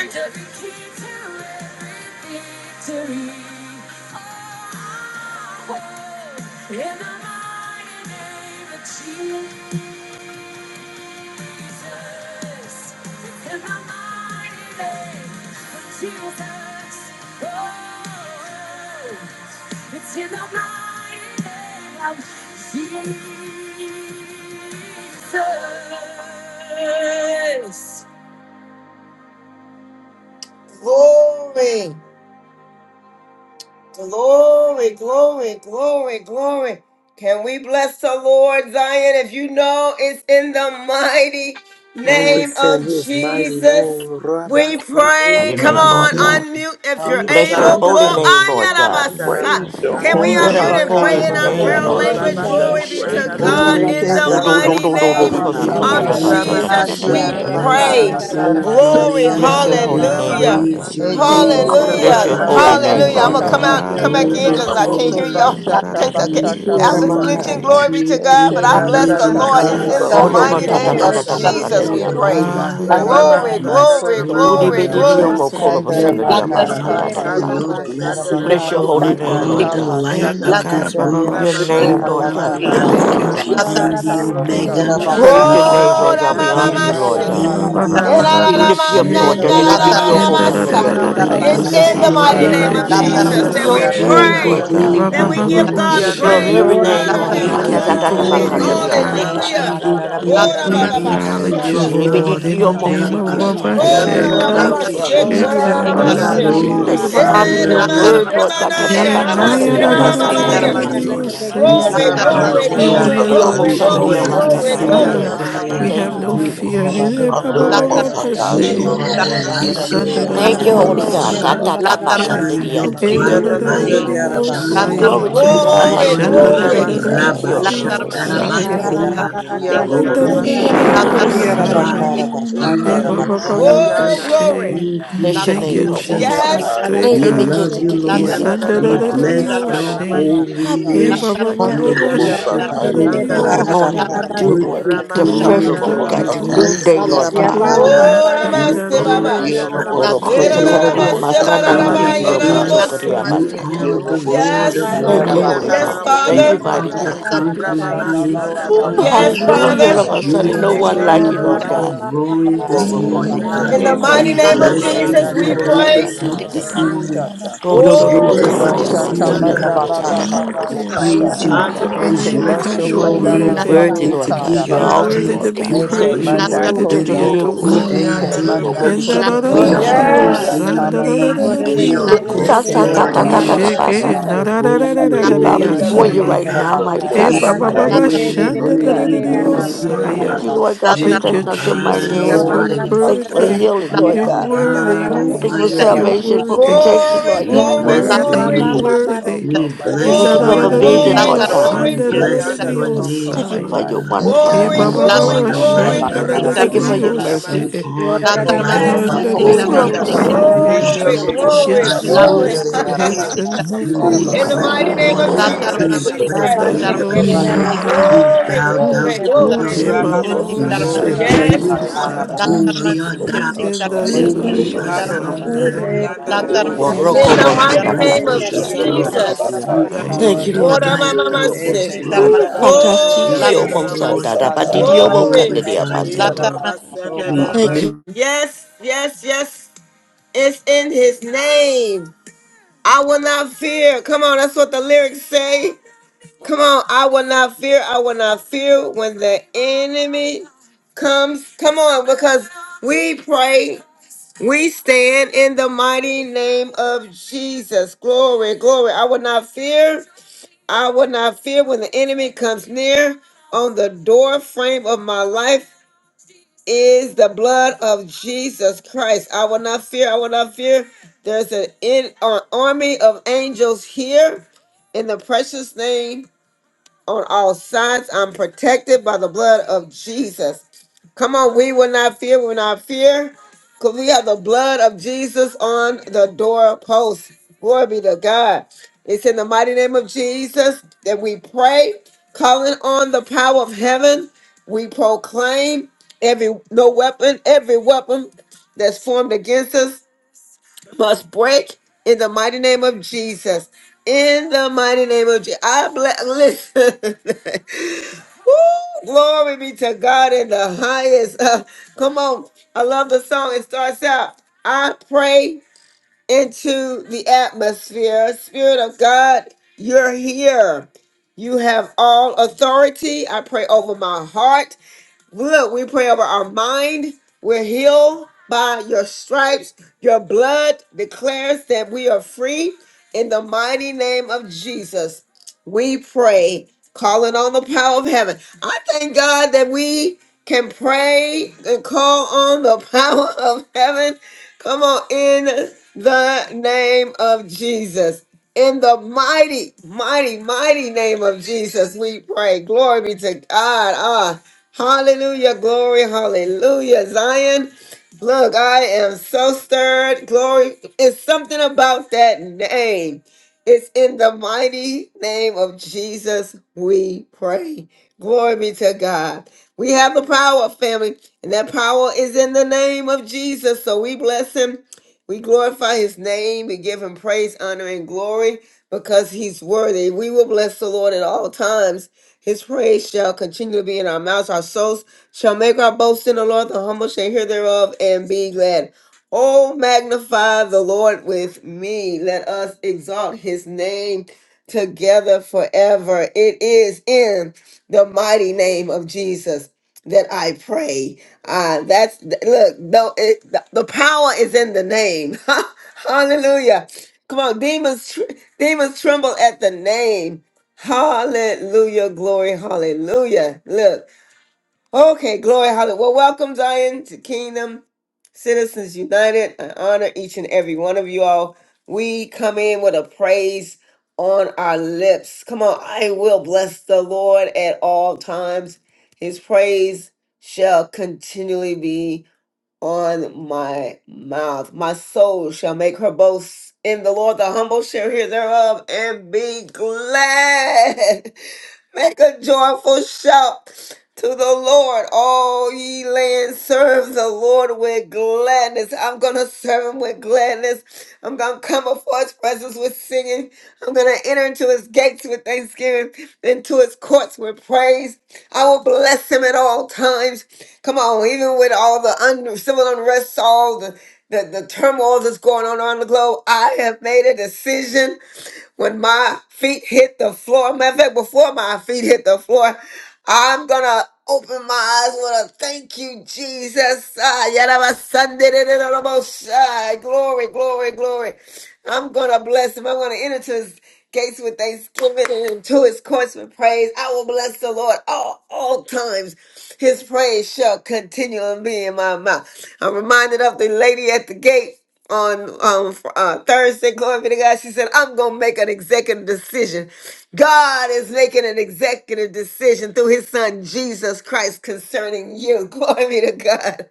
Speaker 1: Glory. Glory, glory, glory, glory. Can we bless the Lord, Zion, if you know it's in the mighty name
Speaker 2: Always in
Speaker 1: of
Speaker 2: his mighty name,
Speaker 1: Jesus? We
Speaker 2: Rabase,
Speaker 1: pray.
Speaker 3: Mighty
Speaker 1: Come
Speaker 3: name,
Speaker 1: on,
Speaker 3: Lord
Speaker 4: Hallelujah.
Speaker 3: God.
Speaker 2: Rabase,
Speaker 1: unmute if you're
Speaker 5: Hallelujah.
Speaker 3: Bless your
Speaker 1: able.
Speaker 2: Isanda,
Speaker 1: Glory.
Speaker 3: holy name, Lord
Speaker 2: Rabasori,
Speaker 3: God.
Speaker 2: and
Speaker 4: Hallelujah.
Speaker 5: Praise
Speaker 6: Thank
Speaker 5: your
Speaker 4: Glory.
Speaker 1: Can we
Speaker 2: Ramasanda,
Speaker 5: holy
Speaker 7: Shit,
Speaker 8: Oh,
Speaker 3: Bless
Speaker 9: Handere
Speaker 1: unmute
Speaker 3: your
Speaker 2: Rabas,
Speaker 5: name.
Speaker 1: and
Speaker 6: you.
Speaker 9: bakara
Speaker 3: holy
Speaker 1: pray in
Speaker 8: hallelujah.
Speaker 1: our
Speaker 5: Your
Speaker 9: basere
Speaker 3: name,
Speaker 1: prayer
Speaker 8: Thank
Speaker 4: Hallelujah.
Speaker 8: you,
Speaker 3: Lord
Speaker 5: word is
Speaker 1: language?
Speaker 9: yaraba.
Speaker 5: to
Speaker 3: Jesus.
Speaker 4: Hallelujah.
Speaker 5: be
Speaker 1: Glory
Speaker 8: Jesus.
Speaker 2: Rababasori,
Speaker 1: be
Speaker 2: and
Speaker 1: to
Speaker 5: praised.
Speaker 9: Biki
Speaker 4: Shanda
Speaker 8: Oh,
Speaker 4: da da
Speaker 1: God
Speaker 9: yaraba
Speaker 1: in
Speaker 10: name.
Speaker 8: sheke
Speaker 4: yotsi.
Speaker 1: the
Speaker 3: Oh,
Speaker 2: Ramasanda,
Speaker 9: tandere
Speaker 3: do, do,
Speaker 1: mighty
Speaker 10: We
Speaker 3: do,
Speaker 9: yaraba
Speaker 3: do,
Speaker 8: bashokana
Speaker 2: Ramase,
Speaker 3: bo,
Speaker 1: name
Speaker 3: ko,
Speaker 9: karaba.
Speaker 10: honor
Speaker 3: su,
Speaker 4: Eh,
Speaker 3: ko,
Speaker 10: your
Speaker 4: ba
Speaker 3: da,
Speaker 1: of
Speaker 4: ba
Speaker 3: da,
Speaker 5: Hallelujah.
Speaker 3: ba,
Speaker 8: masataka.
Speaker 4: ba
Speaker 3: sa,
Speaker 4: ba
Speaker 10: name.
Speaker 3: da,
Speaker 4: ba.
Speaker 5: Thank
Speaker 3: da, da,
Speaker 5: you,
Speaker 1: Jesus.
Speaker 9: Andi
Speaker 3: da, da,
Speaker 10: We
Speaker 1: We
Speaker 3: di,
Speaker 8: Eke
Speaker 2: Ramamasanda,
Speaker 3: ya,
Speaker 5: God.
Speaker 4: Shanda
Speaker 9: yaraba
Speaker 3: na,
Speaker 4: da da da
Speaker 3: di.
Speaker 10: bless
Speaker 9: kara
Speaker 10: your
Speaker 1: pray.
Speaker 2: Rabasori, and
Speaker 4: yotsi.
Speaker 8: boshokanda
Speaker 5: Thank
Speaker 9: bakara
Speaker 5: you.
Speaker 10: holy
Speaker 9: basere
Speaker 1: Glory.
Speaker 8: lasaka
Speaker 2: Rabashe,
Speaker 10: name.
Speaker 9: yandere
Speaker 3: Bless your
Speaker 4: Ah, ya
Speaker 3: holy
Speaker 10: We
Speaker 4: da da
Speaker 3: name,
Speaker 9: bakaraba.
Speaker 8: mandalasha.
Speaker 4: da da
Speaker 1: Hallelujah.
Speaker 3: Lord
Speaker 4: da da
Speaker 3: God.
Speaker 10: praise
Speaker 2: Rababasanda,
Speaker 10: your
Speaker 8: Eke
Speaker 9: Biki
Speaker 10: name,
Speaker 9: yaraba
Speaker 4: yotsande.
Speaker 10: Father
Speaker 3: Bless
Speaker 2: Rabasori, and
Speaker 1: Hallelujah.
Speaker 3: your
Speaker 5: Hallelujah.
Speaker 10: God.
Speaker 8: boshokomba
Speaker 11: La
Speaker 3: holy
Speaker 9: tandere
Speaker 2: Rabas,
Speaker 10: We
Speaker 3: name,
Speaker 1: Hallelujah.
Speaker 9: yaraba.
Speaker 1: I'm
Speaker 3: Lord
Speaker 1: going to
Speaker 10: give
Speaker 4: Glory.
Speaker 8: lalataka
Speaker 1: come
Speaker 3: God.
Speaker 10: you
Speaker 1: out and come back
Speaker 8: bayeke.
Speaker 1: in
Speaker 5: Yellow
Speaker 10: glory,
Speaker 9: Handere
Speaker 1: because
Speaker 4: Hallelujah.
Speaker 1: I
Speaker 5: rubble,
Speaker 10: Father
Speaker 1: can't hear
Speaker 8: Oko
Speaker 2: Yananamasoria,
Speaker 9: bakaraba.
Speaker 10: God.
Speaker 1: y'all.
Speaker 4: And da da
Speaker 1: I
Speaker 8: bashaka
Speaker 4: da
Speaker 1: think
Speaker 4: da da da
Speaker 1: the
Speaker 10: You
Speaker 9: Biki
Speaker 8: bataka
Speaker 1: app is
Speaker 4: yotsi
Speaker 9: yaraba
Speaker 10: are
Speaker 8: bataka.
Speaker 1: glitching.
Speaker 10: the
Speaker 9: karaba.
Speaker 1: Glory
Speaker 4: kaya.
Speaker 1: be to
Speaker 10: true
Speaker 1: God.
Speaker 10: and
Speaker 1: But
Speaker 8: Eke
Speaker 1: I
Speaker 10: the
Speaker 4: Thank you,
Speaker 1: bless the
Speaker 10: living
Speaker 8: bashaka
Speaker 1: Lord. It's
Speaker 10: God.
Speaker 5: full
Speaker 1: in
Speaker 2: Yandanamasanda,
Speaker 4: Jesus.
Speaker 1: the
Speaker 8: bataka
Speaker 3: Oh,
Speaker 5: rubble,
Speaker 3: do,
Speaker 4: Thank
Speaker 10: I
Speaker 9: Handere
Speaker 3: ba,
Speaker 4: you,
Speaker 1: mighty
Speaker 3: ta,
Speaker 5: city,
Speaker 3: ta,
Speaker 1: name
Speaker 4: Lord.
Speaker 2: Rabasori,
Speaker 3: ta,
Speaker 8: mataka.
Speaker 9: yaraba
Speaker 1: of
Speaker 3: ta,
Speaker 2: and
Speaker 5: yellow
Speaker 10: bless
Speaker 3: ta,
Speaker 10: you,
Speaker 3: ba,
Speaker 9: karaba.
Speaker 5: rubble,
Speaker 3: ka, da,
Speaker 2: Rabas,
Speaker 1: Jesus
Speaker 3: di,
Speaker 5: shut
Speaker 10: Lord,
Speaker 1: we
Speaker 3: ya,
Speaker 5: the
Speaker 8: Eke
Speaker 10: with
Speaker 3: ma,
Speaker 5: rubble,
Speaker 10: all
Speaker 1: pray.
Speaker 3: si.
Speaker 5: shut
Speaker 8: manda
Speaker 10: my
Speaker 9: Biki
Speaker 10: heart,
Speaker 9: yaraba
Speaker 8: koto
Speaker 1: Glory,
Speaker 4: Hallelujah.
Speaker 10: my
Speaker 8: manda
Speaker 9: karaba.
Speaker 2: Rababasanda,
Speaker 1: glory,
Speaker 8: koko
Speaker 10: soul,
Speaker 3: Oh, di,
Speaker 10: my
Speaker 1: glory,
Speaker 3: bi,
Speaker 4: Thank you,
Speaker 3: di,
Speaker 2: Ramasanda,
Speaker 8: manda.
Speaker 3: di,
Speaker 1: glory,
Speaker 3: yo, mo,
Speaker 10: mind.
Speaker 2: Ramase.
Speaker 3: ko, lo,
Speaker 4: Jesus.
Speaker 3: ba, sa,
Speaker 9: Handere
Speaker 8: Eke
Speaker 3: da, di,
Speaker 10: Thank
Speaker 3: ya,
Speaker 10: you,
Speaker 3: ma,
Speaker 8: manda
Speaker 3: sa,
Speaker 5: the
Speaker 9: bakaraba.
Speaker 3: da,
Speaker 10: God,
Speaker 3: da,
Speaker 8: kala
Speaker 3: da,
Speaker 5: rubble,
Speaker 10: for
Speaker 3: ba,
Speaker 2: Ikando
Speaker 10: your
Speaker 3: ta.
Speaker 8: shike.
Speaker 5: tie, yellow
Speaker 2: boshanda
Speaker 9: Araba
Speaker 10: blessing.
Speaker 3: Bless
Speaker 5: rubble,
Speaker 3: your
Speaker 8: Oko
Speaker 9: karaba
Speaker 3: holy
Speaker 10: You
Speaker 2: rabasete
Speaker 3: name,
Speaker 8: manda
Speaker 5: yellow
Speaker 9: karaba.
Speaker 10: are
Speaker 3: Lord
Speaker 10: the
Speaker 5: rubble,
Speaker 2: robo
Speaker 3: God.
Speaker 8: kala
Speaker 10: light
Speaker 4: And
Speaker 2: sianda
Speaker 4: the
Speaker 8: shaka
Speaker 10: of
Speaker 2: rab-
Speaker 4: God,
Speaker 10: this
Speaker 9: Handere
Speaker 8: manda.
Speaker 4: Baba
Speaker 10: world.
Speaker 3: Your
Speaker 9: yaraba
Speaker 2: ramama
Speaker 3: name,
Speaker 10: You
Speaker 4: Basha.
Speaker 8: Oko
Speaker 9: karaba
Speaker 3: Lord
Speaker 2: sanda
Speaker 10: are
Speaker 3: God,
Speaker 10: the
Speaker 3: is
Speaker 8: manda
Speaker 9: karaba
Speaker 5: yellow
Speaker 7: Oh,
Speaker 4: Thank
Speaker 3: worthy,
Speaker 4: you,
Speaker 5: rubble,
Speaker 8: koko
Speaker 10: Alpha
Speaker 9: karaba.
Speaker 3: Lord
Speaker 2: rabasete ya
Speaker 3: God.
Speaker 8: manda
Speaker 10: and the
Speaker 4: Jesus.
Speaker 8: kala
Speaker 2: romo
Speaker 4: Thank
Speaker 5: shut
Speaker 4: you,
Speaker 9: Handere
Speaker 10: Omega.
Speaker 3: We
Speaker 8: shata.
Speaker 5: the
Speaker 2: sorianda
Speaker 3: praise
Speaker 10: You
Speaker 3: your
Speaker 5: rubble,
Speaker 9: bakaraba
Speaker 4: Jesus.
Speaker 3: name,
Speaker 5: tie, yellow
Speaker 10: are
Speaker 1: Oh,
Speaker 3: Lord
Speaker 8: Eke
Speaker 9: karaba
Speaker 1: la
Speaker 10: the
Speaker 3: God. We
Speaker 5: rubble,
Speaker 2: rabasikanda
Speaker 1: mama
Speaker 9: karaba
Speaker 8: busho
Speaker 3: honor you,
Speaker 10: beginning
Speaker 2: rabas
Speaker 3: Lord
Speaker 1: mashe.
Speaker 9: basere
Speaker 8: kanda
Speaker 4: Yeah,
Speaker 3: God.
Speaker 4: ba,
Speaker 10: and
Speaker 4: ba,
Speaker 8: lata
Speaker 10: the
Speaker 4: ba,
Speaker 9: yaraba.
Speaker 4: ba, ba,
Speaker 2: ramama
Speaker 8: kana.
Speaker 10: end.
Speaker 3: We
Speaker 4: ba,
Speaker 3: lift you up,
Speaker 10: You
Speaker 2: masete
Speaker 5: yellow
Speaker 3: Lord,
Speaker 4: she,
Speaker 3: that
Speaker 8: Eke
Speaker 10: reign
Speaker 3: every
Speaker 5: rubble,
Speaker 3: deed of
Speaker 10: in
Speaker 9: Yarabakara
Speaker 5: city,
Speaker 8: manda
Speaker 3: your
Speaker 10: this
Speaker 4: And
Speaker 3: book
Speaker 4: da,
Speaker 5: yellow
Speaker 2: rabasete
Speaker 9: bakara
Speaker 4: da,
Speaker 8: kolo
Speaker 3: under
Speaker 10: world.
Speaker 4: da,
Speaker 3: the
Speaker 1: Keralamanandalalamasa.
Speaker 4: da,
Speaker 5: rubble,
Speaker 4: da,
Speaker 9: bakiri
Speaker 4: da,
Speaker 10: We
Speaker 2: rabas
Speaker 4: da,
Speaker 8: shike
Speaker 5: shut the
Speaker 4: you'll
Speaker 1: It's
Speaker 3: Amasata.
Speaker 12: Thank you,
Speaker 8: manda
Speaker 12: Jesus.
Speaker 1: in
Speaker 10: bless
Speaker 5: rubble,
Speaker 9: yarabakara
Speaker 1: the
Speaker 4: see.
Speaker 10: your
Speaker 8: lasa.
Speaker 1: mighty
Speaker 9: bakara.
Speaker 4: Thank
Speaker 2: ramama
Speaker 1: name
Speaker 4: you,
Speaker 5: tie,
Speaker 1: of
Speaker 10: holy
Speaker 2: masanda
Speaker 1: Jesus
Speaker 3: Ooh,
Speaker 10: name.
Speaker 9: Hindi
Speaker 1: that
Speaker 3: Your
Speaker 4: Jesus.
Speaker 1: we
Speaker 8: Seseke
Speaker 5: yellow
Speaker 3: name,
Speaker 10: Holy,
Speaker 5: rubble,
Speaker 3: Lord
Speaker 1: pray,
Speaker 2: rabasorianda
Speaker 9: yarabakara
Speaker 8: bushoko
Speaker 4: Yeah,
Speaker 5: city,
Speaker 3: God,
Speaker 4: ba,
Speaker 2: rabas
Speaker 1: that
Speaker 4: ba,
Speaker 9: bakara.
Speaker 10: holy,
Speaker 8: manda.
Speaker 1: we
Speaker 5: yellow
Speaker 4: ba,
Speaker 5: rubble,
Speaker 4: ba,
Speaker 1: give
Speaker 4: ba,
Speaker 10: holy,
Speaker 1: God
Speaker 3: is
Speaker 2: ianda
Speaker 5: shut
Speaker 3: above
Speaker 8: Eke
Speaker 5: the
Speaker 4: she,
Speaker 1: praise,
Speaker 3: every
Speaker 9: Hindi
Speaker 6: और
Speaker 5: rubble,
Speaker 3: name,
Speaker 10: holy,
Speaker 1: honor,
Speaker 8: manda
Speaker 9: yarabakara.
Speaker 3: Lord.
Speaker 4: We
Speaker 1: and
Speaker 2: rabasorianda
Speaker 5: tie,
Speaker 3: Sata,
Speaker 4: give
Speaker 3: ta,
Speaker 4: you
Speaker 10: holy,
Speaker 3: ta,
Speaker 2: rabas
Speaker 3: ta, ba,
Speaker 1: glory.
Speaker 4: glory,
Speaker 3: kanda,
Speaker 10: holy.
Speaker 4: O
Speaker 5: yellow
Speaker 3: di,
Speaker 8: Oko
Speaker 5: rubble,
Speaker 4: God.
Speaker 10: Father
Speaker 3: asata.
Speaker 5: city,
Speaker 1: Hallelujah.
Speaker 10: God,
Speaker 8: mandala
Speaker 10: we
Speaker 5: yellow
Speaker 2: rababasanda
Speaker 8: la la
Speaker 9: Hindi
Speaker 5: rubble,
Speaker 8: la
Speaker 10: thank
Speaker 2: rabas
Speaker 1: Ora
Speaker 4: We
Speaker 10: you,
Speaker 1: ba ba
Speaker 8: shata.
Speaker 1: ba
Speaker 9: yarabakara.
Speaker 10: God, for
Speaker 4: acknowledge you,
Speaker 8: Eke
Speaker 1: shanda.
Speaker 3: Ele,
Speaker 10: your
Speaker 3: be, di,
Speaker 10: love,
Speaker 4: Lord,
Speaker 3: di,
Speaker 8: osho
Speaker 4: in
Speaker 3: di, o,
Speaker 4: the
Speaker 3: mo,
Speaker 4: name
Speaker 10: your
Speaker 3: si, ki,
Speaker 4: of
Speaker 8: kandala
Speaker 4: Baba
Speaker 3: asata.
Speaker 8: sata.
Speaker 3: Thank
Speaker 10: unfailing
Speaker 3: you,
Speaker 2: ianda
Speaker 1: Ora
Speaker 3: Lord
Speaker 1: ba ba
Speaker 3: God,
Speaker 10: love,
Speaker 3: for
Speaker 1: ba
Speaker 4: Shekan.
Speaker 8: Eke
Speaker 6: Glory,
Speaker 1: she,
Speaker 10: Father
Speaker 2: rabasondoro
Speaker 3: salvation,
Speaker 9: Hindi
Speaker 10: God.
Speaker 4: It's
Speaker 6: glory,
Speaker 1: kora
Speaker 2: robo
Speaker 3: Lord
Speaker 8: mandala
Speaker 1: la
Speaker 3: God.
Speaker 1: la
Speaker 8: la la
Speaker 6: higher,
Speaker 4: under
Speaker 1: ba
Speaker 8: la
Speaker 10: We
Speaker 8: la
Speaker 9: yarabakara
Speaker 1: she.
Speaker 2: sorianda
Speaker 6: Baba,
Speaker 4: the
Speaker 2: da.
Speaker 8: la
Speaker 5: Yellow,
Speaker 3: Thank
Speaker 6: Baba,
Speaker 9: bakara
Speaker 3: you
Speaker 9: bakara.
Speaker 8: shata.
Speaker 3: for
Speaker 10: glorify
Speaker 1: Eh,
Speaker 3: honoring
Speaker 10: your
Speaker 12: Hallelujah.
Speaker 4: Messiah.
Speaker 3: your
Speaker 11: La
Speaker 2: Yanda da
Speaker 10: name.
Speaker 8: Eke
Speaker 3: word,
Speaker 2: da
Speaker 1: namaste
Speaker 2: ba
Speaker 3: Lord
Speaker 11: taramansi,
Speaker 5: Shandala
Speaker 3: God.
Speaker 8: manda
Speaker 12: He
Speaker 2: suri
Speaker 3: Tata
Speaker 11: kirisi
Speaker 12: should
Speaker 1: manaya,
Speaker 2: yanda
Speaker 4: And
Speaker 12: have
Speaker 8: koko
Speaker 2: da
Speaker 10: We
Speaker 12: be
Speaker 2: da
Speaker 12: out
Speaker 3: bakanda
Speaker 2: ba
Speaker 4: I,
Speaker 10: said
Speaker 3: di
Speaker 12: of
Speaker 11: taramansi,
Speaker 1: namaste
Speaker 9: Hindi
Speaker 4: da,
Speaker 8: mandala
Speaker 1: ba
Speaker 12: the
Speaker 4: da,
Speaker 1: ba
Speaker 8: la.
Speaker 7: Oh,
Speaker 4: da,
Speaker 11: kirisi
Speaker 10: yes
Speaker 8: la.
Speaker 7: la
Speaker 4: da, da,
Speaker 10: to
Speaker 12: butter
Speaker 7: ba
Speaker 3: amasata
Speaker 9: yarabakara
Speaker 4: da,
Speaker 2: sikende
Speaker 10: your
Speaker 12: of
Speaker 7: da
Speaker 2: da
Speaker 3: tata
Speaker 4: da,
Speaker 7: da
Speaker 2: da
Speaker 4: da,
Speaker 9: bakara.
Speaker 7: da
Speaker 10: name,
Speaker 11: taramansi.
Speaker 7: da da
Speaker 4: you'll
Speaker 7: da
Speaker 10: Lord.
Speaker 2: bosa.
Speaker 8: Eke
Speaker 12: Oceana,
Speaker 3: basiki.
Speaker 12: not
Speaker 7: da
Speaker 10: We
Speaker 7: da
Speaker 4: see.
Speaker 8: mandala
Speaker 11: La
Speaker 12: the
Speaker 1: Glory,
Speaker 7: da
Speaker 10: said
Speaker 8: la
Speaker 7: da
Speaker 8: la
Speaker 12: other
Speaker 8: la
Speaker 2: Rababa
Speaker 12: of
Speaker 1: glory,
Speaker 10: yes,
Speaker 11: taramansi,
Speaker 8: la
Speaker 7: so.
Speaker 9: Hindi
Speaker 4: In
Speaker 2: sanda
Speaker 8: la
Speaker 4: the
Speaker 2: na
Speaker 10: Lord.
Speaker 1: glory,
Speaker 2: na
Speaker 11: kirisi
Speaker 9: yarabakara.
Speaker 3: Really
Speaker 2: na
Speaker 4: name
Speaker 8: sata.
Speaker 4: of
Speaker 7: e
Speaker 1: glory,
Speaker 3: almost
Speaker 10: You
Speaker 7: ma
Speaker 3: under
Speaker 11: taramansi.
Speaker 7: na
Speaker 3: the
Speaker 10: are
Speaker 12: he
Speaker 1: glory,
Speaker 7: na
Speaker 2: masike.
Speaker 10: the
Speaker 7: na na
Speaker 12: another
Speaker 8: Eke
Speaker 7: ni
Speaker 1: glory,
Speaker 3: amasata
Speaker 12: the
Speaker 4: Jesus,
Speaker 3: la
Speaker 7: yo
Speaker 12: other
Speaker 8: manda
Speaker 7: ri
Speaker 10: consuming
Speaker 12: the
Speaker 1: glory.
Speaker 4: ah,
Speaker 7: yo
Speaker 3: bahayala
Speaker 12: other
Speaker 7: si.
Speaker 12: the
Speaker 8: kala
Speaker 3: sana.
Speaker 4: we
Speaker 10: fire.
Speaker 8: la
Speaker 12: other the
Speaker 8: la
Speaker 4: have
Speaker 3: Thank you,
Speaker 2: Yandarabasuriandarabasikandarabasa. Rababasandaranamasike.
Speaker 4: no
Speaker 8: la
Speaker 2: Iyandaranamasata.
Speaker 12: boat.
Speaker 10: You
Speaker 9: Hindi
Speaker 7: Eh,
Speaker 4: fear.
Speaker 3: Jesus.
Speaker 8: sita.
Speaker 7: ri
Speaker 10: are
Speaker 7: ri
Speaker 9: yarabakara.
Speaker 4: In
Speaker 13: Alabakasalanukushia.
Speaker 12: He
Speaker 4: the
Speaker 7: ri
Speaker 10: the
Speaker 7: yo
Speaker 4: ba-
Speaker 7: ro
Speaker 4: ba-
Speaker 7: ro
Speaker 11: La
Speaker 12: another
Speaker 7: ro
Speaker 4: ba-
Speaker 12: the
Speaker 8: Oko
Speaker 7: ro
Speaker 10: glory.
Speaker 4: ba-
Speaker 12: other
Speaker 2: Haya.
Speaker 7: ro ro
Speaker 4: ba-
Speaker 11: taramansi,
Speaker 12: the
Speaker 7: ro
Speaker 8: mandala
Speaker 10: You
Speaker 8: la
Speaker 7: ro
Speaker 8: la
Speaker 7: shi
Speaker 11: kirisi
Speaker 4: she.
Speaker 10: are
Speaker 12: Oceana,
Speaker 7: yo
Speaker 8: la
Speaker 7: ro
Speaker 10: the
Speaker 7: ro
Speaker 8: la
Speaker 12: the
Speaker 7: ro ro
Speaker 12: other
Speaker 11: taramansi,
Speaker 7: ro
Speaker 10: light
Speaker 4: He's
Speaker 7: ro
Speaker 9: Hindi
Speaker 8: shite.
Speaker 9: yarabakara. Hindi yarabakara. Hindi
Speaker 10: of
Speaker 13: Elelelabekushia
Speaker 7: si
Speaker 11: kirisi
Speaker 4: under
Speaker 7: yo
Speaker 4: the
Speaker 7: ro
Speaker 9: yarabakara
Speaker 4: the-
Speaker 10: this
Speaker 7: ro
Speaker 3: Thank
Speaker 9: bakara.
Speaker 7: ro
Speaker 3: you,
Speaker 4: the-
Speaker 7: ro
Speaker 4: oh,
Speaker 11: taramansi.
Speaker 8: Oko
Speaker 3: Holy
Speaker 7: ro
Speaker 10: world,
Speaker 7: ro
Speaker 10: Father
Speaker 7: ri
Speaker 3: God.
Speaker 2: Siyandaramasa.
Speaker 7: ya.
Speaker 4: sir,
Speaker 8: mandala
Speaker 13: kadasha.
Speaker 10: God.
Speaker 4: We
Speaker 3: Tata
Speaker 11: La
Speaker 8: la
Speaker 4: thank
Speaker 9: Hindi
Speaker 8: la la
Speaker 9: yarabakara
Speaker 4: you.
Speaker 8: la
Speaker 7: Ah,
Speaker 3: bakanda
Speaker 11: taramansi,
Speaker 10: Shine
Speaker 3: di
Speaker 7: ya
Speaker 10: your
Speaker 7: la
Speaker 8: sita.
Speaker 7: la
Speaker 11: kirisi
Speaker 4: In
Speaker 7: la
Speaker 4: the
Speaker 7: la
Speaker 3: asati.
Speaker 10: bright
Speaker 7: la
Speaker 4: the-
Speaker 9: bakara. Hindi yarabakara bakara. Hindi yarabakara. Hindi yarabakara
Speaker 7: la
Speaker 4: the-
Speaker 7: la
Speaker 4: the-
Speaker 10: light.
Speaker 4: the-
Speaker 7: la
Speaker 8: Oko
Speaker 11: taramansi.
Speaker 7: ri
Speaker 4: the-
Speaker 7: yo ro
Speaker 4: oh,
Speaker 7: ro
Speaker 8: banda
Speaker 11: La
Speaker 9: bakara.
Speaker 8: la
Speaker 10: Shine
Speaker 7: ro si.
Speaker 8: la
Speaker 10: your
Speaker 3: Glory
Speaker 4: say.
Speaker 8: la
Speaker 3: to
Speaker 8: la
Speaker 2: Siyandanananabosuriandarabasa.
Speaker 11: taramansi,
Speaker 10: bright
Speaker 13: Ikelelebekusamandi.
Speaker 3: God.
Speaker 10: light
Speaker 7: Eh,
Speaker 11: kirisi
Speaker 4: He's
Speaker 1: Glory,
Speaker 7: ya
Speaker 8: sata.
Speaker 10: on
Speaker 7: na
Speaker 4: under
Speaker 10: us.
Speaker 7: na na
Speaker 4: the
Speaker 3: Hallelujah.
Speaker 7: na
Speaker 3: They
Speaker 4: the-
Speaker 1: glory.
Speaker 11: taramansi.
Speaker 4: the-
Speaker 7: wa
Speaker 4: the-
Speaker 8: Eke
Speaker 4: the-
Speaker 7: sa
Speaker 3: beseech
Speaker 7: ya
Speaker 3: you,
Speaker 10: Rabba
Speaker 7: la
Speaker 4: the-
Speaker 8: bushu
Speaker 11: La
Speaker 7: la
Speaker 3: Lord,
Speaker 7: la
Speaker 4: the-
Speaker 3: most
Speaker 7: la
Speaker 4: oh,
Speaker 7: la
Speaker 3: under
Speaker 8: kanda
Speaker 3: the
Speaker 7: ri.
Speaker 11: taramansi,
Speaker 8: la
Speaker 2: Rabasetererabosada.
Speaker 11: kirisi
Speaker 4: sire.
Speaker 3: Amasata.
Speaker 8: sata.
Speaker 13: Ikilelelabakushaba.
Speaker 10: Shatarabaseya
Speaker 7: Ha ya ba
Speaker 11: taramansi.
Speaker 7: da da
Speaker 4: In
Speaker 7: da
Speaker 8: Eke
Speaker 4: the
Speaker 7: da
Speaker 10: Robo
Speaker 4: the-
Speaker 7: wa
Speaker 4: the-
Speaker 7: shi
Speaker 8: manda
Speaker 4: the- the-
Speaker 7: ya ra
Speaker 11: La
Speaker 7: ra
Speaker 4: the-
Speaker 7: ra
Speaker 8: nudu
Speaker 3: Indeed,
Speaker 10: Sheha
Speaker 4: oh,
Speaker 7: ra
Speaker 3: you are
Speaker 7: bo
Speaker 11: taramansi,
Speaker 7: shi
Speaker 3: most
Speaker 8: kanda
Speaker 2: Iyandarabasuriandarabasa.
Speaker 7: ya ra
Speaker 10: Samba.
Speaker 7: ra
Speaker 4: sire.
Speaker 7: ra.
Speaker 8: bashi.
Speaker 11: kirisi taramansi,
Speaker 4: Eh,
Speaker 2: Eke
Speaker 10: Thank
Speaker 4: ba-
Speaker 8: Oko
Speaker 13: Ikelelelelelele.
Speaker 10: you,
Speaker 4: ba-
Speaker 7: Ye
Speaker 11: kirisi
Speaker 4: ba-
Speaker 7: ka
Speaker 8: manda
Speaker 7: shi
Speaker 4: ba-
Speaker 7: yo
Speaker 8: la
Speaker 4: ba-
Speaker 7: ro
Speaker 1: Oh,
Speaker 11: taramansi.
Speaker 7: ro
Speaker 10: Jesus.
Speaker 7: ri yo ro
Speaker 8: sata
Speaker 2: robosiandanamasa.
Speaker 7: ro
Speaker 1: glory.
Speaker 4: she.
Speaker 7: ro ro
Speaker 10: Thank
Speaker 7: bo
Speaker 8: manda.
Speaker 13: Mm.
Speaker 11: La
Speaker 7: shi
Speaker 3: Bless
Speaker 10: you,
Speaker 7: ya
Speaker 3: your
Speaker 7: ra
Speaker 4: Thank
Speaker 7: ra
Speaker 3: name,
Speaker 2: Mm.
Speaker 4: you,
Speaker 7: ra ri
Speaker 11: taramansi,
Speaker 3: Lord
Speaker 8: Eke
Speaker 7: ya
Speaker 10: Jesus.
Speaker 3: God.
Speaker 7: si.
Speaker 11: kirisi
Speaker 1: Yes.
Speaker 4: Jesus.
Speaker 8: manda
Speaker 11: taramansi.
Speaker 3: May
Speaker 8: kono
Speaker 3: they
Speaker 10: We
Speaker 3: be
Speaker 7: Oh,
Speaker 4: Kreka.
Speaker 3: kissed
Speaker 10: love
Speaker 3: and
Speaker 8: sata
Speaker 10: you,
Speaker 3: kick-
Speaker 11: La
Speaker 3: kick-
Speaker 8: se.
Speaker 3: kick-
Speaker 10: Lord.
Speaker 4: He's
Speaker 3: kick- kick-
Speaker 4: under
Speaker 11: taramansi,
Speaker 3: kick-
Speaker 4: the
Speaker 10: We
Speaker 8: Oko
Speaker 11: kirisi
Speaker 3: Amasata.
Speaker 10: bless
Speaker 8: mana
Speaker 9: Hindi
Speaker 6: Hallelujah.
Speaker 8: la
Speaker 10: your
Speaker 11: taramansi.
Speaker 8: la la
Speaker 9: yarabakara.
Speaker 8: la
Speaker 10: holy
Speaker 3: I
Speaker 2: Yandarabasuriandarabasike
Speaker 10: name.
Speaker 8: shata.
Speaker 3: bless
Speaker 2: ro.
Speaker 3: you, Lord
Speaker 10: We
Speaker 3: God.
Speaker 11: Latarmasi,
Speaker 6: Oh,
Speaker 8: Eke
Speaker 2: Yanda
Speaker 11: Keresi
Speaker 2: da da
Speaker 10: worship
Speaker 2: ba
Speaker 8: mana
Speaker 11: Tarmasi,
Speaker 10: you,
Speaker 8: kolo
Speaker 2: sanda
Speaker 3: For
Speaker 8: la
Speaker 2: da
Speaker 3: the
Speaker 2: da
Speaker 10: God.
Speaker 4: Ebababababashandarariyo.
Speaker 2: ba.
Speaker 8: shata.
Speaker 3: morning
Speaker 9: Yarabakara
Speaker 11: Latarmasi,
Speaker 3: dew, Lord.
Speaker 10: Worship
Speaker 8: Eke
Speaker 3: The
Speaker 11: Keresi
Speaker 9: bakara.
Speaker 10: you,
Speaker 8: mana
Speaker 4: Glory,
Speaker 3: presence,
Speaker 2: Ramasanda
Speaker 10: Lord.
Speaker 11: Tarmasi,
Speaker 3: Lord
Speaker 8: kala
Speaker 4: glory,
Speaker 3: God.
Speaker 10: We
Speaker 3: The
Speaker 8: la
Speaker 5: Mosata
Speaker 3: new
Speaker 4: glory,
Speaker 2: Ramasete.
Speaker 10: bless
Speaker 9: Oh,
Speaker 3: day,
Speaker 8: shata.
Speaker 10: you,
Speaker 5: Yellow
Speaker 3: Lord
Speaker 11: Latarmasi,
Speaker 3: God.
Speaker 10: Father
Speaker 5: City.
Speaker 8: Eke
Speaker 10: God.
Speaker 4: glory.
Speaker 1: Oh,
Speaker 2: Yandana
Speaker 8: mana
Speaker 4: In
Speaker 10: You
Speaker 4: the
Speaker 1: namaste,
Speaker 8: koko
Speaker 4: the the
Speaker 10: are
Speaker 1: mama.
Speaker 2: Ramasurianda
Speaker 10: the
Speaker 8: mana.
Speaker 5: Yellow
Speaker 4: ocean,
Speaker 10: light.
Speaker 3: Oro
Speaker 5: Bosita,
Speaker 3: kosa
Speaker 1: Yera
Speaker 8: Eke
Speaker 2: Rabasete.
Speaker 1: na
Speaker 11: Latarmasi,
Speaker 10: You
Speaker 5: Yellow
Speaker 10: are
Speaker 3: kanoria
Speaker 8: mana
Speaker 11: Keresi
Speaker 1: namaste,
Speaker 10: the
Speaker 5: Bosha,
Speaker 1: ba
Speaker 8: kala
Speaker 3: masana
Speaker 1: da
Speaker 3: na
Speaker 1: da
Speaker 5: Yellow
Speaker 8: la
Speaker 10: King
Speaker 11: Tarmasi,
Speaker 8: la
Speaker 1: ba,
Speaker 10: of
Speaker 3: madidi
Speaker 8: la
Speaker 1: yera
Speaker 3: omo
Speaker 1: na
Speaker 2: Rabasurianda
Speaker 4: Indararariyoshandarariyo.
Speaker 5: Bosataya,
Speaker 10: kings.
Speaker 8: shata.
Speaker 3: sokoria
Speaker 1: bose.
Speaker 10: You
Speaker 11: Latarmasi,
Speaker 4: Sunday,
Speaker 3: basata.
Speaker 2: Ramaseke
Speaker 8: Eke
Speaker 10: are the
Speaker 5: Yellow
Speaker 11: Keresi
Speaker 8: mana
Speaker 10: Lord
Speaker 5: Bosita,
Speaker 2: Romoshende.
Speaker 10: of
Speaker 8: kolo
Speaker 1: Yes.
Speaker 11: Keresi
Speaker 8: la
Speaker 5: Yellow
Speaker 3: Thank
Speaker 8: la
Speaker 3: you,
Speaker 10: lords.
Speaker 8: la
Speaker 3: Holy
Speaker 8: la
Speaker 4: Hallelujah.
Speaker 5: Bosha,
Speaker 8: la
Speaker 2: Yandana
Speaker 1: Yes,
Speaker 3: Father.
Speaker 11: Tarmasi,
Speaker 5: Yellow
Speaker 3: Thank
Speaker 10: You
Speaker 3: you,
Speaker 8: shata.
Speaker 1: Father.
Speaker 10: are
Speaker 3: mighty
Speaker 2: Ramosatara.
Speaker 10: the
Speaker 3: God.
Speaker 5: Bosataya,
Speaker 4: Thank
Speaker 8: Eke
Speaker 4: you,
Speaker 11: Latarmasi,
Speaker 10: conquering
Speaker 8: manda la
Speaker 11: Keresi Latarmasi, Keresi Tarmasi, Latarmasi, Keresi Tarmasi, Latarmasi, Keresi
Speaker 10: lion
Speaker 8: la la
Speaker 2: Ramamasanda
Speaker 4: Jesus.
Speaker 8: la
Speaker 3: Ooh,
Speaker 5: Shabba
Speaker 2: Rabas.
Speaker 8: la
Speaker 10: of
Speaker 12: Thank
Speaker 10: the
Speaker 8: la
Speaker 1: Yes,
Speaker 8: la
Speaker 10: tribe
Speaker 3: hallelujah,
Speaker 1: Father.
Speaker 3: Lord,
Speaker 10: of
Speaker 5: Bosataya,
Speaker 3: my
Speaker 8: shata.
Speaker 3: son,
Speaker 5: Yellow
Speaker 3: and no
Speaker 4: Thank
Speaker 10: Judah,
Speaker 4: you,
Speaker 11: Tarmasi, Latarmasi,
Speaker 3: one
Speaker 5: Bosita,
Speaker 8: Eke
Speaker 11: Keresi
Speaker 3: like
Speaker 13: Elelelabekushikilebo.
Speaker 4: Lord.
Speaker 2: Robosurianda
Speaker 3: you,
Speaker 10: and you
Speaker 8: manda
Speaker 3: Lord
Speaker 8: la
Speaker 10: are
Speaker 3: God.
Speaker 8: la
Speaker 2: Rabasete.
Speaker 8: lo lo
Speaker 10: roaring this
Speaker 5: Yellow
Speaker 2: Blessed be
Speaker 8: shita.
Speaker 10: morning,
Speaker 5: Bosita,
Speaker 2: God
Speaker 10: God.
Speaker 1: In
Speaker 3: You're
Speaker 1: the
Speaker 2: today.
Speaker 5: Yellow
Speaker 3: above
Speaker 8: Ese
Speaker 10: We
Speaker 1: mighty
Speaker 8: se
Speaker 1: name
Speaker 5: Bosha,
Speaker 3: every
Speaker 1: of
Speaker 8: ke
Speaker 10: bless
Speaker 13: Elelelabekushi.
Speaker 7: la
Speaker 4: Glory in
Speaker 5: Yellow
Speaker 7: la
Speaker 2: Ramama
Speaker 3: name,
Speaker 4: the
Speaker 10: you.
Speaker 7: la
Speaker 1: Jesus,
Speaker 11: Latarmasi,
Speaker 8: manda
Speaker 3: Lord
Speaker 11: Latarmasi,
Speaker 4: name
Speaker 10: You
Speaker 7: la,
Speaker 1: we
Speaker 3: God.
Speaker 4: of
Speaker 3: Da, da,
Speaker 8: kolo
Speaker 3: da,
Speaker 10: woke
Speaker 7: she
Speaker 2: Sorianda
Speaker 8: lo
Speaker 5: Bosataya,
Speaker 3: ba,
Speaker 1: pray.
Speaker 10: us
Speaker 8: lo
Speaker 3: da,
Speaker 7: did
Speaker 11: Keresi
Speaker 3: da,
Speaker 10: up
Speaker 8: lo
Speaker 3: da,
Speaker 8: lo
Speaker 10: this
Speaker 3: da.
Speaker 4: Jesus.
Speaker 8: lo
Speaker 2: Rabase.
Speaker 10: morning.
Speaker 7: it.
Speaker 8: shata.
Speaker 3: Worthy,
Speaker 10: You
Speaker 4: We
Speaker 3: Lord
Speaker 2: Yanda
Speaker 10: woke
Speaker 1: Glory.
Speaker 8: Eke
Speaker 10: us
Speaker 4: pray
Speaker 5: Yellow
Speaker 7: Oh,
Speaker 4: and
Speaker 10: up
Speaker 2: Robo
Speaker 7: da
Speaker 13: Rakalelelabekushikilebo.
Speaker 7: da
Speaker 10: this
Speaker 8: basha
Speaker 4: lift
Speaker 7: da
Speaker 4: up
Speaker 5: Bosita,
Speaker 7: da
Speaker 4: your
Speaker 7: da
Speaker 10: morning,
Speaker 2: Sorianda
Speaker 7: da da
Speaker 5: Yellow
Speaker 4: name,
Speaker 8: kamanda
Speaker 10: God
Speaker 4: O
Speaker 8: la
Speaker 7: da
Speaker 8: la
Speaker 2: Rabash.
Speaker 5: Bosha,
Speaker 8: la
Speaker 4: God.
Speaker 7: see.
Speaker 10: to
Speaker 8: la
Speaker 5: Yellow
Speaker 13: Amakusha
Speaker 8: sata.
Speaker 10: praise
Speaker 4: We
Speaker 7: Ye
Speaker 10: you,
Speaker 7: de
Speaker 4: lift
Speaker 7: de
Speaker 5: Bosataya,
Speaker 2: Hando
Speaker 4: up
Speaker 7: de
Speaker 4: your
Speaker 7: de
Speaker 10: to
Speaker 7: de
Speaker 8: Eke
Speaker 7: de
Speaker 4: name
Speaker 7: de
Speaker 10: bless
Speaker 2: Boshande
Speaker 13: babashiki
Speaker 7: de de
Speaker 4: because
Speaker 8: basho
Speaker 4: you're
Speaker 10: your
Speaker 7: de do do
Speaker 8: konda
Speaker 2: Rabas.
Speaker 8: lo
Speaker 10: name,
Speaker 8: do
Speaker 13: lelele
Speaker 4: worthy.
Speaker 7: see.
Speaker 10: and
Speaker 8: do
Speaker 10: to
Speaker 7: He
Speaker 3: God.
Speaker 10: give
Speaker 8: kanda.
Speaker 3: You're
Speaker 4: You're
Speaker 10: you
Speaker 13: bakushiki
Speaker 7: come
Speaker 5: Sataya,
Speaker 2: Yanda
Speaker 7: na na
Speaker 3: awesome,
Speaker 4: worthy
Speaker 7: na
Speaker 5: Yellow
Speaker 4: to
Speaker 10: thanks
Speaker 3: Lord
Speaker 7: na
Speaker 4: be
Speaker 7: na
Speaker 3: God.
Speaker 7: na
Speaker 10: and
Speaker 8: Eke
Speaker 7: de
Speaker 13: rikilugo
Speaker 5: Bosita,
Speaker 4: praised.
Speaker 7: de
Speaker 4: You're
Speaker 7: de
Speaker 2: Rabasata.
Speaker 10: praise.
Speaker 8: manda
Speaker 7: do
Speaker 3: Ooh,
Speaker 4: worthy
Speaker 7: see
Speaker 4: to
Speaker 7: do
Speaker 10: And
Speaker 4: be
Speaker 7: do
Speaker 8: kolo.
Speaker 3: totally,
Speaker 7: do
Speaker 3: you're
Speaker 5: Yellow
Speaker 10: that's
Speaker 2: Robo
Speaker 7: do
Speaker 3: great
Speaker 10: what
Speaker 7: see.
Speaker 4: adored.
Speaker 5: Bosita,
Speaker 10: we are
Speaker 2: Sorianda
Speaker 8: Eke
Speaker 5: Yellow Bosha, Yellow
Speaker 3: and
Speaker 10: doing,
Speaker 7: Oh,
Speaker 8: manda
Speaker 10: God.
Speaker 3: greatly
Speaker 4: In
Speaker 2: Ramas
Speaker 3: to
Speaker 5: Bosataya,
Speaker 4: the
Speaker 13: malalabakusha.
Speaker 3: be
Speaker 4: la-
Speaker 8: kolo
Speaker 7: rapa
Speaker 4: la- la-
Speaker 10: We
Speaker 4: la-
Speaker 3: praised,
Speaker 10: are
Speaker 13: Thank you,
Speaker 4: la-
Speaker 3: Lord
Speaker 8: shoko
Speaker 7: shanda
Speaker 13: Lord.
Speaker 4: your
Speaker 3: God.
Speaker 7: na na
Speaker 8: manda
Speaker 1: Yes.
Speaker 10: praising
Speaker 2: Yanda
Speaker 7: de
Speaker 4: son,
Speaker 10: your
Speaker 7: de
Speaker 4: the la-
Speaker 7: do
Speaker 4: la-
Speaker 10: name.
Speaker 4: la- la-
Speaker 8: kababasi.
Speaker 4: la-
Speaker 13: Thank
Speaker 7: suit.
Speaker 13: you,
Speaker 4: la-
Speaker 10: We
Speaker 5: Yellow
Speaker 10: are
Speaker 13: God.
Speaker 4: your
Speaker 2: Ramasataya
Speaker 3: Ooh,
Speaker 5: Bosita,
Speaker 4: co-
Speaker 3: sa,
Speaker 13: Thank you,
Speaker 8: Eke
Speaker 7: He
Speaker 3: sa,
Speaker 10: blessing
Speaker 3: sa,
Speaker 13: Lord.
Speaker 7: de
Speaker 11: Latarmasi,
Speaker 10: your
Speaker 7: de
Speaker 3: ta,
Speaker 13: Thank
Speaker 7: de
Speaker 4: he
Speaker 3: ta,
Speaker 8: manda
Speaker 13: you,
Speaker 3: ta,
Speaker 7: de
Speaker 10: name.
Speaker 2: Rabasanda
Speaker 3: ta,
Speaker 7: do
Speaker 4: shake
Speaker 7: de
Speaker 3: ba,
Speaker 8: koko
Speaker 7: de
Speaker 3: sa,
Speaker 10: We
Speaker 13: Jesus.
Speaker 4: it,
Speaker 7: do
Speaker 3: ta.
Speaker 4: na-
Speaker 7: do
Speaker 10: say,
Speaker 8: manda.
Speaker 7: do
Speaker 2: Rabusoria
Speaker 4: la- la-
Speaker 7: de do
Speaker 4: la-
Speaker 7: de
Speaker 4: la-
Speaker 10: Holy,
Speaker 7: de
Speaker 4: la-
Speaker 3: We
Speaker 4: la-
Speaker 7: do
Speaker 3: bow
Speaker 4: la-
Speaker 8: Eke
Speaker 7: see
Speaker 4: ya
Speaker 5: Hallelujah,
Speaker 10: holy,
Speaker 7: do
Speaker 2: Yanda
Speaker 7: de
Speaker 3: before
Speaker 13: Mm.
Speaker 7: do
Speaker 8: manda
Speaker 3: you
Speaker 4: say.
Speaker 10: holy
Speaker 7: see.
Speaker 3: right
Speaker 8: koko
Speaker 3: now,
Speaker 10: God.
Speaker 2: Rabasoria
Speaker 5: Yellow
Speaker 3: mighty
Speaker 8: manda.
Speaker 11: Latarmasi,
Speaker 4: Eh,
Speaker 3: God,
Speaker 10: We
Speaker 3: in
Speaker 4: ba-
Speaker 3: the
Speaker 10: say,
Speaker 7: He na
Speaker 4: ba-
Speaker 3: mighty
Speaker 7: na
Speaker 4: ba-
Speaker 3: name
Speaker 5: Bosataya.
Speaker 4: ba-
Speaker 3: of
Speaker 7: na
Speaker 8: Eke
Speaker 7: na
Speaker 10: Holy,
Speaker 7: de
Speaker 3: Jesus,
Speaker 4: shan,
Speaker 7: do
Speaker 11: latarmasi, latarmasi,
Speaker 4: da-
Speaker 7: do
Speaker 3: Lord
Speaker 4: da-
Speaker 8: keke
Speaker 7: do
Speaker 4: da-
Speaker 3: God.
Speaker 4: da-
Speaker 7: do
Speaker 10: holy,
Speaker 4: da-
Speaker 7: do
Speaker 8: manda
Speaker 4: your
Speaker 7: see
Speaker 10: holy
Speaker 7: do do
Speaker 8: kolo
Speaker 7: do
Speaker 10: Father
Speaker 5: Hallelujah.
Speaker 7: do
Speaker 8: shi.
Speaker 5: Worthy
Speaker 3: Thank
Speaker 4: sire.
Speaker 3: you,
Speaker 10: God.
Speaker 7: see.
Speaker 3: Lord
Speaker 5: to
Speaker 3: God, for
Speaker 5: be
Speaker 10: You
Speaker 4: Thank
Speaker 8: Eke
Speaker 4: you,
Speaker 3: stretching
Speaker 10: are
Speaker 8: ke
Speaker 3: out your
Speaker 7: He na
Speaker 3: mighty
Speaker 7: na
Speaker 10: God
Speaker 4: Jesus.
Speaker 7: na
Speaker 3: hand,
Speaker 7: na
Speaker 8: manda
Speaker 7: na
Speaker 3: Lord.
Speaker 7: na
Speaker 4: You're
Speaker 11: latarmasi,
Speaker 7: na
Speaker 6: Shalom,
Speaker 10: Almighty,
Speaker 7: de
Speaker 3: Thank you
Speaker 7: do
Speaker 3: for
Speaker 10: Father.
Speaker 7: see.
Speaker 4: worthy.
Speaker 8: oko
Speaker 3: healing,
Speaker 10: You
Speaker 3: Lord
Speaker 4: You're
Speaker 11: latarmasi,
Speaker 10: are
Speaker 8: manda
Speaker 3: God.
Speaker 2: Yanda
Speaker 8: manda
Speaker 4: worthy.
Speaker 10: God
Speaker 7: Come on,
Speaker 3: Thank you for
Speaker 8: kabashi.
Speaker 7: mas.
Speaker 10: Almighty,
Speaker 9: Thank
Speaker 2: Rabasorianda
Speaker 4: You're
Speaker 10: Lord.
Speaker 3: salvation,
Speaker 2: Ramash
Speaker 3: for
Speaker 4: worthy.
Speaker 8: Eke
Speaker 3: protection,
Speaker 12: you.
Speaker 1: Glory,
Speaker 3: Lord
Speaker 8: manda
Speaker 10: We
Speaker 3: God.
Speaker 4: You're
Speaker 1: glory,
Speaker 10: bless
Speaker 4: worthy. You're worthy.
Speaker 10: your
Speaker 8: kabashi.
Speaker 1: glory.
Speaker 4: You're
Speaker 11: latarmasi,
Speaker 10: name.
Speaker 8: O
Speaker 4: worthy.
Speaker 10: We
Speaker 7: She
Speaker 5: praised.
Speaker 11: latarmasi,
Speaker 4: In
Speaker 8: Komanda
Speaker 7: de
Speaker 3: Thank
Speaker 10: bless
Speaker 4: the
Speaker 3: you
Speaker 7: de
Speaker 4: la-
Speaker 3: for
Speaker 7: do
Speaker 1: Glory,
Speaker 4: la-
Speaker 10: your
Speaker 7: do do
Speaker 4: la-
Speaker 7: do
Speaker 4: la-
Speaker 7: do
Speaker 4: la-
Speaker 3: provision,
Speaker 7: do
Speaker 8: Kamasike
Speaker 10: name.
Speaker 1: glory,
Speaker 7: do do
Speaker 2: Yanda
Speaker 4: your
Speaker 3: Lord
Speaker 11: latarmasi,
Speaker 7: do
Speaker 3: God.
Speaker 4: son,
Speaker 10: We
Speaker 1: glory.
Speaker 4: da-
Speaker 7: do
Speaker 4: da-
Speaker 8: Mandase.
Speaker 7: do do do
Speaker 4: da-
Speaker 7: do do
Speaker 4: da-
Speaker 10: bless
Speaker 4: da-
Speaker 2: Ramasorianda
Speaker 7: do
Speaker 5: Hallelujah.
Speaker 10: your
Speaker 7: see
Speaker 4: your
Speaker 8: O
Speaker 7: do do
Speaker 11: kirsitarmasi.
Speaker 2: Ramash
Speaker 10: name,
Speaker 7: do
Speaker 3: Thank
Speaker 7: do
Speaker 3: you
Speaker 4: sire.
Speaker 3: for
Speaker 7: do
Speaker 10: Father
Speaker 8: Komanda
Speaker 3: your
Speaker 7: see.
Speaker 10: God.
Speaker 3: wonderful
Speaker 4: E
Speaker 1: Glory,
Speaker 8: Konoshi.
Speaker 3: acts,
Speaker 10: You
Speaker 4: baba
Speaker 10: are
Speaker 1: glory,
Speaker 3: Lord
Speaker 4: baba
Speaker 10: the
Speaker 3: God.
Speaker 13: Ekababashiki
Speaker 8: O
Speaker 11: latarmasi,
Speaker 1: glory.
Speaker 10: light
Speaker 4: shanda
Speaker 13: lelele
Speaker 10: of
Speaker 4: da
Speaker 8: Komanda
Speaker 4: da da
Speaker 10: this
Speaker 3: Thank
Speaker 4: da
Speaker 3: you for
Speaker 13: bakusha.
Speaker 10: world.
Speaker 3: your
Speaker 2: Ekaramasanda
Speaker 11: kirsitarmasi kirsitarmasi.
Speaker 3: mercy.
Speaker 10: You
Speaker 8: Konoshata.
Speaker 4: yose.
Speaker 3: King.
Speaker 2: Ramasete
Speaker 10: are the
Speaker 4: E
Speaker 8: Eke
Speaker 10: light
Speaker 1: Yes.
Speaker 8: Manda
Speaker 10: of
Speaker 7: Ye
Speaker 4: kanda
Speaker 5: Oh,
Speaker 4: da da
Speaker 3: Ooh,
Speaker 10: this
Speaker 4: da
Speaker 7: manana
Speaker 3: Lord.
Speaker 10: world.
Speaker 2: Itorianda
Speaker 11: latarmasi,
Speaker 13: Malalalabaku
Speaker 8: Konoshata.
Speaker 7: masanda
Speaker 10: You
Speaker 5: hallelujah.
Speaker 2: Ramasete
Speaker 1: Glory,
Speaker 7: namasi.
Speaker 10: continue to
Speaker 13: ukushiki
Speaker 8: Eke
Speaker 2: Robosa
Speaker 1: glory,
Speaker 10: shine
Speaker 4: Yes,
Speaker 8: Manda
Speaker 10: in
Speaker 1: glory.
Speaker 4: Lord.
Speaker 13: lelele.
Speaker 10: us, Father
Speaker 7: Ye
Speaker 8: Konoshi.
Speaker 10: God.
Speaker 4: Yes,
Speaker 2: Mm
Speaker 7: na
Speaker 4: and da
Speaker 10: We
Speaker 4: da
Speaker 8: O
Speaker 7: na
Speaker 13: Nuku
Speaker 10: be
Speaker 1: In the
Speaker 7: nere
Speaker 10: blessed,
Speaker 1: mighty
Speaker 4: yosa.
Speaker 8: Komanda
Speaker 7: ore
Speaker 1: name
Speaker 7: ore
Speaker 10: Lord.
Speaker 1: of
Speaker 7: ore ore
Speaker 2: Yanda
Speaker 1: Jesus,
Speaker 10: We
Speaker 8: Konoshike
Speaker 1: we
Speaker 13: lababababababasha.
Speaker 2: Ramas
Speaker 10: bless
Speaker 7: yasi.
Speaker 4: Da
Speaker 1: pray.
Speaker 8: Manda.
Speaker 4: da
Speaker 10: in
Speaker 4: da
Speaker 10: your
Speaker 7: O
Speaker 13: Iya
Speaker 10: name.
Speaker 13: la
Speaker 8: Eke
Speaker 13: la
Speaker 7: manana
Speaker 13: la
Speaker 10: We
Speaker 7: na
Speaker 13: la
Speaker 7: na
Speaker 8: Manda
Speaker 7: na
Speaker 1: Glory,
Speaker 7: na
Speaker 10: bow
Speaker 7: na.
Speaker 13: baku.
Speaker 1: glory,
Speaker 10: down to
Speaker 8: Konoshi.
Speaker 10: your
Speaker 1: glory.
Speaker 4: E
Speaker 13: Usha
Speaker 7: O
Speaker 10: feet
Speaker 4: baba baba
Speaker 8: Olo
Speaker 10: and
Speaker 7: namasanda
Speaker 10: we
Speaker 2: Rababasanda
Speaker 7: na
Speaker 10: say,
Speaker 13: bababasha.
Speaker 2: Ramasorianda
Speaker 7: na
Speaker 8: Shaka
Speaker 11: kirsitarmasi.
Speaker 4: shanda
Speaker 7: na
Speaker 4: da
Speaker 1: Yes,
Speaker 7: na
Speaker 2: Ramas
Speaker 10: Holy,
Speaker 8: Manana
Speaker 2: Yanda
Speaker 4: yosa.
Speaker 11: La
Speaker 7: na
Speaker 2: Rabas,
Speaker 13: In
Speaker 8: Masi.
Speaker 13: the
Speaker 10: holy
Speaker 11: tarmasi
Speaker 10: are thou.
Speaker 13: name
Speaker 11: kirsi
Speaker 13: of
Speaker 8: O
Speaker 4: And da
Speaker 13: Jesus.
Speaker 4: ya
Speaker 11: tarmasi
Speaker 4: da da
Speaker 8: Komanda
Speaker 10: Holy
Speaker 7: olo
Speaker 11: kirsi
Speaker 10: are
Speaker 8: Koko
Speaker 10: thou,
Speaker 7: soro
Speaker 2: Ikado
Speaker 7: ore
Speaker 11: tarmasi.
Speaker 7: ore
Speaker 8: Manda.
Speaker 4: yosande.
Speaker 10: Father
Speaker 7: ore
Speaker 10: God.
Speaker 9: you.
Speaker 2: Robosorianda
Speaker 11: La
Speaker 8: O
Speaker 7: yasi.
Speaker 11: tarmasi
Speaker 4: E
Speaker 2: Ramash
Speaker 10: You
Speaker 1: in
Speaker 8: Komanda
Speaker 3: Morocco
Speaker 1: the
Speaker 10: are
Speaker 11: kirsi
Speaker 7: Ye na
Speaker 10: the
Speaker 7: na
Speaker 1: mighty
Speaker 4: shanda.
Speaker 7: na na
Speaker 8: Kamasi.
Speaker 10: light
Speaker 1: name
Speaker 7: na
Speaker 11: tarmasi.
Speaker 7: na
Speaker 10: of
Speaker 1: of
Speaker 7: na
Speaker 10: this
Speaker 7: na
Speaker 8: O
Speaker 3: botandarabasikiatata.
Speaker 10: world.
Speaker 7: yasi.
Speaker 1: Jesus.
Speaker 8: Komanda
Speaker 10: You
Speaker 4: Mighty
Speaker 10: are
Speaker 2: Yandarabosoryandara.
Speaker 3: Thank you,
Speaker 10: the
Speaker 8: Kamasi.
Speaker 11: La
Speaker 4: name
Speaker 3: Lord
Speaker 4: of
Speaker 1: Ora
Speaker 3: God.
Speaker 4: Jesus.
Speaker 10: light
Speaker 7: O
Speaker 1: mama
Speaker 11: tarmasi
Speaker 10: of this
Speaker 11: kirsi
Speaker 1: masi.
Speaker 8: Eke
Speaker 7: nandi
Speaker 10: world,
Speaker 5: Oh,
Speaker 3: Ooh,
Speaker 8: manda
Speaker 7: yosi.
Speaker 10: God.
Speaker 11: tarmasi.
Speaker 8: kudo
Speaker 10: We
Speaker 11: La
Speaker 1: Glory,
Speaker 3: hatasikio
Speaker 10: say,
Speaker 8: shita.
Speaker 11: tarmasi
Speaker 10: Lord,
Speaker 5: Most High,
Speaker 2: Yandarabas.
Speaker 5: Most
Speaker 7: Konamasa.
Speaker 11: kirsi
Speaker 8: Shata
Speaker 10: we
Speaker 3: mosandarabadidio
Speaker 11: tarmasi.
Speaker 8: basha
Speaker 1: glory.
Speaker 7: O
Speaker 10: glorify
Speaker 8: kanda
Speaker 7: namana
Speaker 11: La
Speaker 7: na
Speaker 10: you,
Speaker 3: mokandariamasata.
Speaker 8: se.
Speaker 7: na na
Speaker 10: Lord.
Speaker 7: na
Speaker 11: tarmasi
Speaker 7: na.
Speaker 11: kirsi
Speaker 10: We
Speaker 8: Hoko
Speaker 11: tarmasi.
Speaker 3: Thank
Speaker 8: manda.
Speaker 3: you.
Speaker 4: Thank
Speaker 10: honor
Speaker 1: Yes, yes, yes. It's in his name. I will not fear. Come on, that's what the lyrics say. Come on, I will not fear. I will not fear when the enemy comes. Come on, because we pray, we stand in the mighty name of Jesus. Glory, glory. I will not fear. I will not fear when the enemy comes near. On the door frame of my life is the blood of Jesus Christ. I will not fear. I will not fear. There's an, in, an army of angels here in the precious name on all sides. I'm protected by the blood of Jesus. Come on, we will not fear, we will not fear, because we have the blood of Jesus on the doorpost. Glory be to God. It's in the mighty name of Jesus that we pray, calling on the power of heaven. We proclaim every no weapon, every weapon that's formed against us must break in the mighty name of Jesus. In the mighty name of Jesus. I bless. Listen. Woo, glory be to God in the highest. Uh, come on. I love the song. It starts out I pray into the atmosphere. Spirit of God, you're here. You have all authority. I pray over my heart. Look, we pray over our mind. We're healed by your stripes. Your blood declares that we are free. In the mighty name of Jesus, we pray, calling on the power of heaven. I thank God that we can pray and call on the power of heaven. Come on, in the name of Jesus. In the mighty, mighty, mighty name of Jesus, we pray. Glory be to God. Ah, Hallelujah, glory, hallelujah, Zion. Look, I am so stirred. Glory It's something about that name. It's in the mighty name of Jesus we pray. Glory be to God. We have the power, family, and that power is in the name of Jesus. So we bless him. We glorify his name. We give him praise, honor, and glory because he's worthy. We will bless the Lord at all times his praise shall continue to be in our mouths. Our souls shall make our boast in the Lord. The humble shall hear thereof and be glad. Oh, magnify the Lord with me. Let us exalt his name together forever. It is in the mighty name of Jesus that I pray. Uh, that's look, no, it, the, the power is in the name. Hallelujah. Come on, demons, tr- demons tremble at the name. Hallelujah, glory, hallelujah. Look, okay, glory, hallelujah. Well, welcome, Zion, to Kingdom Citizens United. I honor each and every one of you all. We come in with a praise on our lips. Come on, I will bless the Lord at all times. His praise shall continually be on my mouth. My soul shall make her boast in the Lord. The humble shall hear thereof and be glad. Make a joyful shout to the Lord. All ye land serve the Lord with gladness. I'm going to serve him with gladness. I'm going to come before his presence with singing. I'm going to enter into his gates with thanksgiving, into his courts with praise. I will bless him at all times. Come on, even with all the un- civil unrest, all the, the, the turmoil that's going on around the globe, I have made a decision when my feet hit the floor. Matter of fact, before my feet hit the floor, I'm gonna open my eyes with a thank you, Jesus. Ah, yadaba sande de de de de bo shai. Glory, glory, glory. I'm gonna bless him. I'm gonna enter to. his gates with thanksgiving and into his courts with praise. I will bless the Lord all, all times. His praise shall continually be in my mouth. I'm reminded of the lady at the gate on um, uh, Thursday. Glory be to God. She said, I'm going to make an executive executive decision. God is making an executive decision through his son Jesus Christ concerning you. Glory be to God.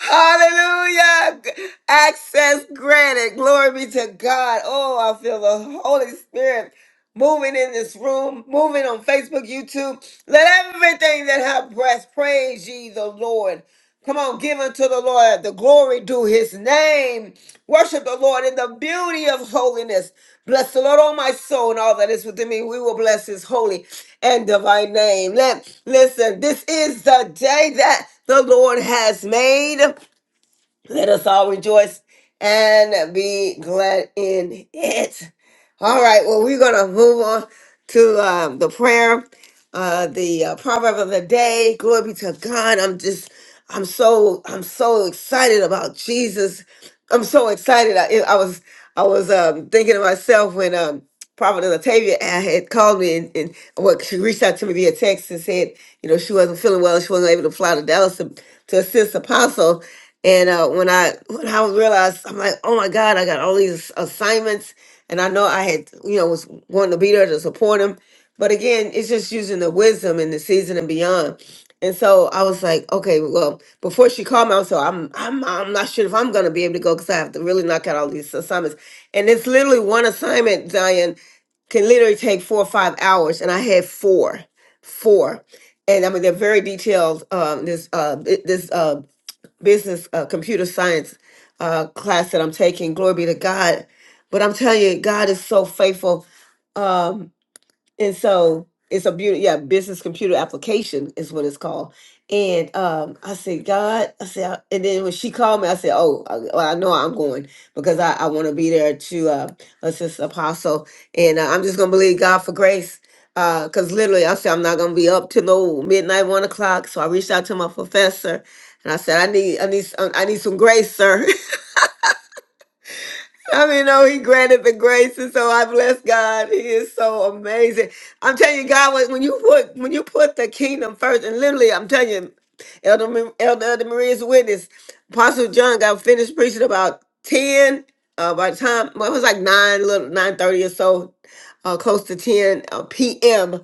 Speaker 1: Hallelujah. Access granted. Glory be to God. Oh, I feel the Holy Spirit moving in this room, moving on Facebook, YouTube. Let everything that have breath praise ye the Lord. Come on, give unto the Lord the glory due his name. Worship the Lord in the beauty of holiness. Bless the Lord, all my soul, and all that is within me. We will bless his holy and divine name. Let listen, this is the day that the Lord has made. Let us all rejoice and be glad in it. All right, well, we're going to move on to uh, the prayer, uh, the uh, proverb of the day. Glory be to God. I'm just, I'm so, I'm so excited about Jesus. I'm so excited. I, I was, I was um, thinking to myself when um, Prophet Latavia had called me and, and well, she reached out to me via text and said, you know, she wasn't feeling well. She wasn't able to fly to Dallas to, to assist Apostle. And uh, when I when I realized, I'm like, oh my God, I got all these assignments, and I know I had, you know, was wanting to be there to support him. But again, it's just using the wisdom and the season and beyond. And so I was like, okay, well, before she called me, I was like, I'm I'm I'm not sure if I'm gonna be able to go because I have to really knock out all these assignments. And it's literally one assignment, Zion, can literally take four or five hours, and I had four, four, and I mean they're very detailed. Um, this uh, it- this uh, business uh, computer science uh, class that I'm taking. Glory be to God. But I'm telling you, God is so faithful. Um, and so it's a beauty yeah business computer application is what it's called and um i said god i said "I-" and then when she called me i said oh i, well, I know i'm going because i, I want to be there to uh, assist apostle and uh, i'm just gonna believe god for grace because literally i said i'm not gonna be up till no midnight one o'clock so i reached out to my professor and i said i need i need s- i need some grace sir I mean, no, he granted the grace, and so I bless God. He is so amazing. I'm telling you, God, when when you put when you put the kingdom first, and literally, I'm telling you, Elder Ma- Elder, Elder Maria's witness, Apostle John got finished preaching about ten. Uh, by the time well, it was like nine, little nine thirty or so, uh, close to ten uh, p.m.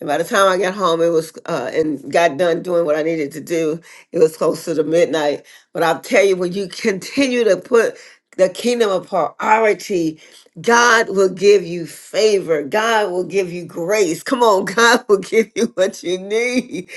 Speaker 1: And by the time I got home, it was uh, and got done doing what I needed to do. It was close to the midnight. But I'll tell you, when you continue to put the kingdom of priority, God will give you favor. God will give you grace. Come on, God will give you what you need.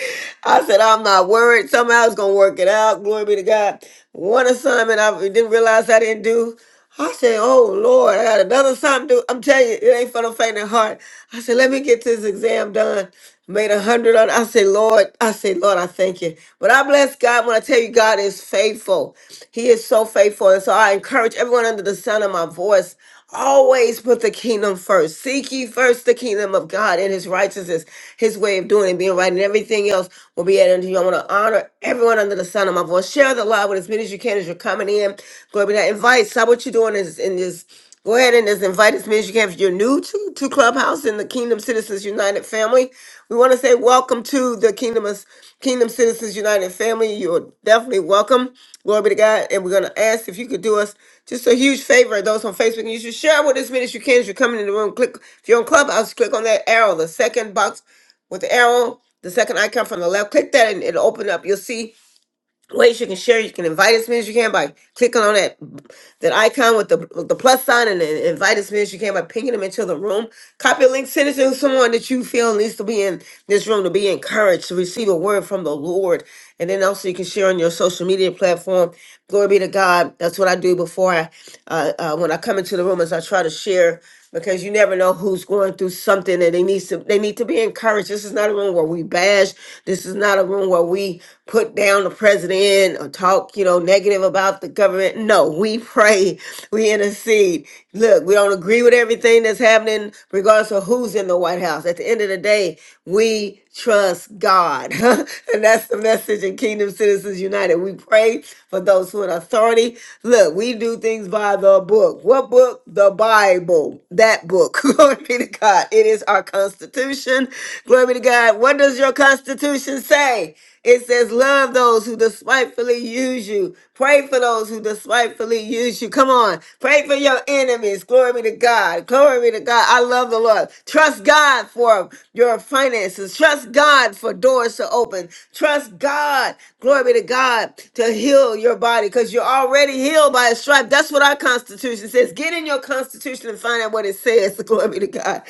Speaker 1: I said, I'm not worried. Somehow it's going to work it out. Glory be to God. One assignment I didn't realize I didn't do. I said, Oh Lord, I got another something to do. I'm telling you, it ain't for the faint of heart. I said, Let me get this exam done. Made a hundred on. I said, Lord, I said, Lord, I thank you. But I bless God when I tell you, God is faithful. He is so faithful. And so I encourage everyone under the sound of my voice. Always put the kingdom first. Seek ye first the kingdom of God and his righteousness, his way of doing and being right, and everything else will be added unto you. I want to honor everyone under the sound of my voice. Share the live with as many as you can as you're coming in. Glory be to God. Invite. Stop what you're doing is in this. Go ahead and just invite as many as you can. If you're new to, to Clubhouse in the Kingdom Citizens United family. We want to say welcome to the Kingdom of, Kingdom Citizens United family. You're definitely welcome. Glory be to God. And we're going to ask if you could do us just a huge favor. Those on Facebook, you should share with as many as you can as you're coming in the room. Click if you're on Clubhouse, click on that arrow, the second box with the arrow, the second icon from the left. Click that and it'll open up. You'll see ways you can share. You can invite as many as you can by clicking on that that icon with the with the plus sign and then invite as many as you can by pinging them into the room. Copy a link, send it to someone that you feel needs to be in this room to be encouraged to receive a word from the Lord. And then also you can share on your social media platform. Glory be to God. That's what I do before I uh, uh, when I come into the room as I try to share because you never know who's going through something and they need to they need to be encouraged. This is not a room where we bash. This is not a room where we put down the president or talk, you know, negative about the government. No, we pray, we intercede. Look, we don't agree with everything that's happening, regardless of who's in the White House. At the end of the day, we trust God. and that's the message in Kingdom Citizens United. We pray for those who are in authority. Look, we. Look, we do things by the book. What book? The Bible. That book. Glory be to God. It is our Constitution. Glory be to God. What does your Constitution say? It says, Love those who despitefully use you. Pray for those who despitefully use you. Come on. Pray for your enemies. Glory be to God. Glory be to God. I love the Lord. Trust God for your finances. Trust God for doors to open. Trust God. Glory Glory to God to heal your body because you're already healed by a stripe. That's what our Constitution says. Get in your Constitution and find out what it says. Glory to God.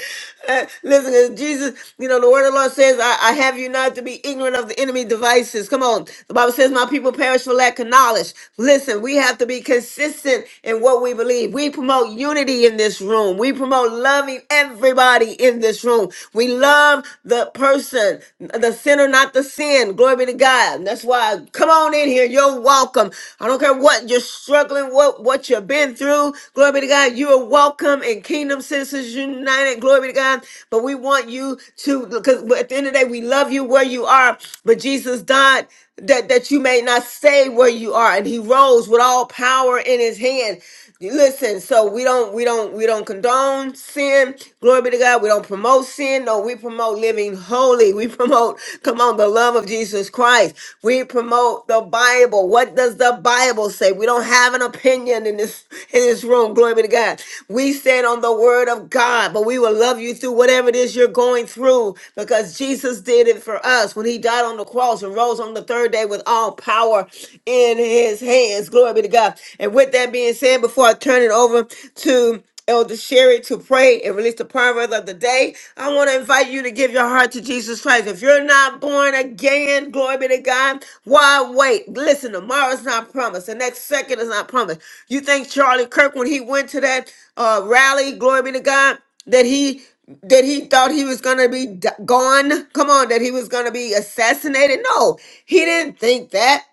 Speaker 1: Uh, listen, uh, Jesus, you know, the word of the Lord says, I, I have you not to be ignorant of the enemy devices. Come on. The Bible says, My people perish for lack of knowledge. Listen, we have to be consistent in what we believe. We promote unity in this room, we promote loving everybody in this room. We love the person person, the sinner, not the sin. Glory be to God. That's why come on in here. You're welcome. I don't care what you're struggling, what what you've been through. Glory be to God. You are welcome in Kingdom Citizens United. Glory be to God. But we want you to because at the end of the day, we love you where you are. But Jesus died that, that you may not stay where you are. And he rose with all power in his hand. Listen, so we don't we don't we don't condone sin. Glory be to God. We don't promote sin. No, we promote living holy. We promote, come on, the love of Jesus Christ. We promote the Bible. What does the Bible say? We don't have an opinion in this in this room. Glory be to God. We stand on the word of God, but we will love you through whatever it is you're going through because Jesus did it for us when he died on the cross and rose on the third day with all power in his hands. Glory be to God. And with that being said, before I turn it over to Elder Sherry to pray and release the proverb of the day. I want to invite you to give your heart to Jesus Christ. If you're not born again, glory be to God. Why wait? Listen, tomorrow's not promised. The next second is not promised. You think Charlie Kirk, when he went to that uh, rally, glory be to God, that he that he thought he was going to be d- gone come on that he was going to be assassinated no he didn't think that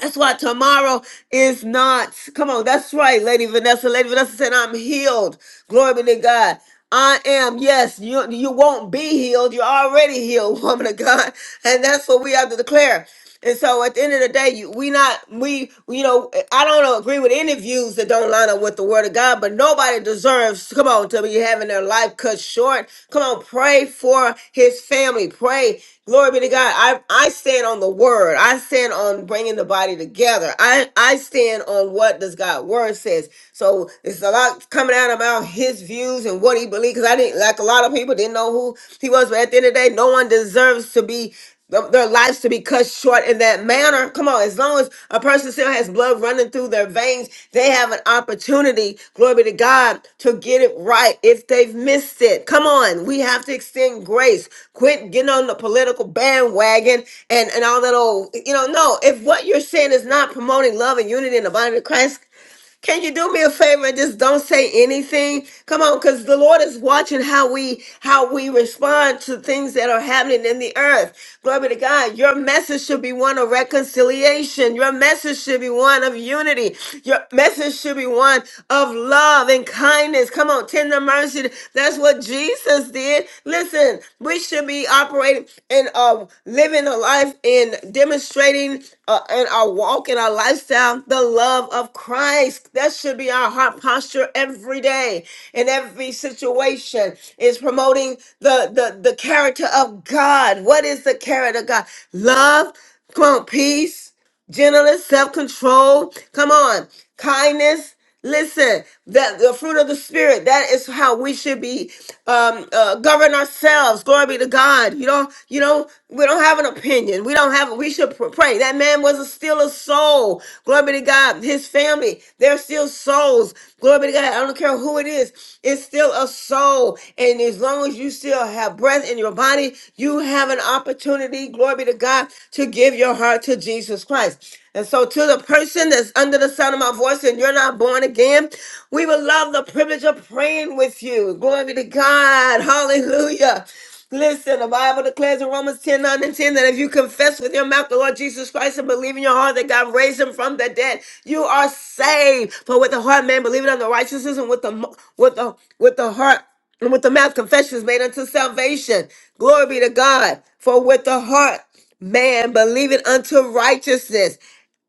Speaker 1: that's why tomorrow is not. Come on, that's right, Lady Vanessa. Lady Vanessa said, I'm healed. Glory be to God. I am, yes, you, you won't be healed. You're already healed, woman of God. And that's what we have to declare. And so at the end of the day, you, we not, we, you know, I don't agree with any views that don't line up with the word of God, but nobody deserves Come on, tell me you're having their life cut short. Come on, pray for his family. Pray. Glory be to God. I, I stand on the word. I stand on bringing the body together. I, I stand on what does God's word says. So it's a lot coming out about his views and what he believes. Because I didn't like a lot of people didn't know who he was. But at the end of the day, no one deserves to be th- their lives to be cut short in that manner. Come on, as long as a person still has blood running through their veins, they have an opportunity, glory be to God, to get it right if they've missed it. Come on, we have to extend grace. Quit getting on the political bandwagon and, and all that old, you know, no, if what you're saying is not promoting love and unity in the body of Christ, can you do me a favor and just don't say anything? Come on, because the Lord is watching how we how we respond to things that are happening in the earth. Glory to God. Your message should be one of reconciliation. Your message should be one of unity. Your message should be one of love and kindness. Come on, tender mercy. That's what Jesus did. Listen, we should be operating and uh, living a life in demonstrating uh, in our walk, and our lifestyle, the love of Christ. That should be our heart posture every day, in every situation. Is promoting the the the character of God. What is the character of God? Love. Come on, peace gentleness, self control. Come on, kindness. Listen, that the fruit of the spirit. That is how we should be um, uh, govern ourselves. Glory be to God. You know, you know, we don't have an opinion. We don't have. We should pr- pray. That man was a, still a soul. Glory be to God. His family, they're still souls. Glory be to God don't care who it is, it's still a soul. And as long as you still have breath in your body, you have an opportunity, glory be to God, to give your heart to Jesus Christ. And so, to the person that's under the sound of my voice and you're not born again, we would love the privilege of praying with you. Glory be to God. Hallelujah. Listen, the Bible declares in Romans 10 9 and 10 that if you confess with your mouth the Lord Jesus Christ and believe in your heart that God raised him from the dead, you are saved. For with the heart man believing unto righteousness and with the mo- with the with the heart and with the mouth confession is made unto salvation. Glory be to God. For with the heart man believing unto righteousness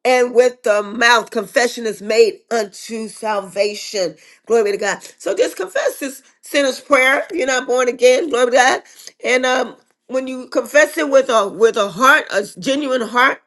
Speaker 1: and with the mouth confession is made unto salvation. Glory be to God. So just confess this sinner's prayer. You're not born again. Glory be to God. And um, when you confess it with a with a heart, a genuine heart,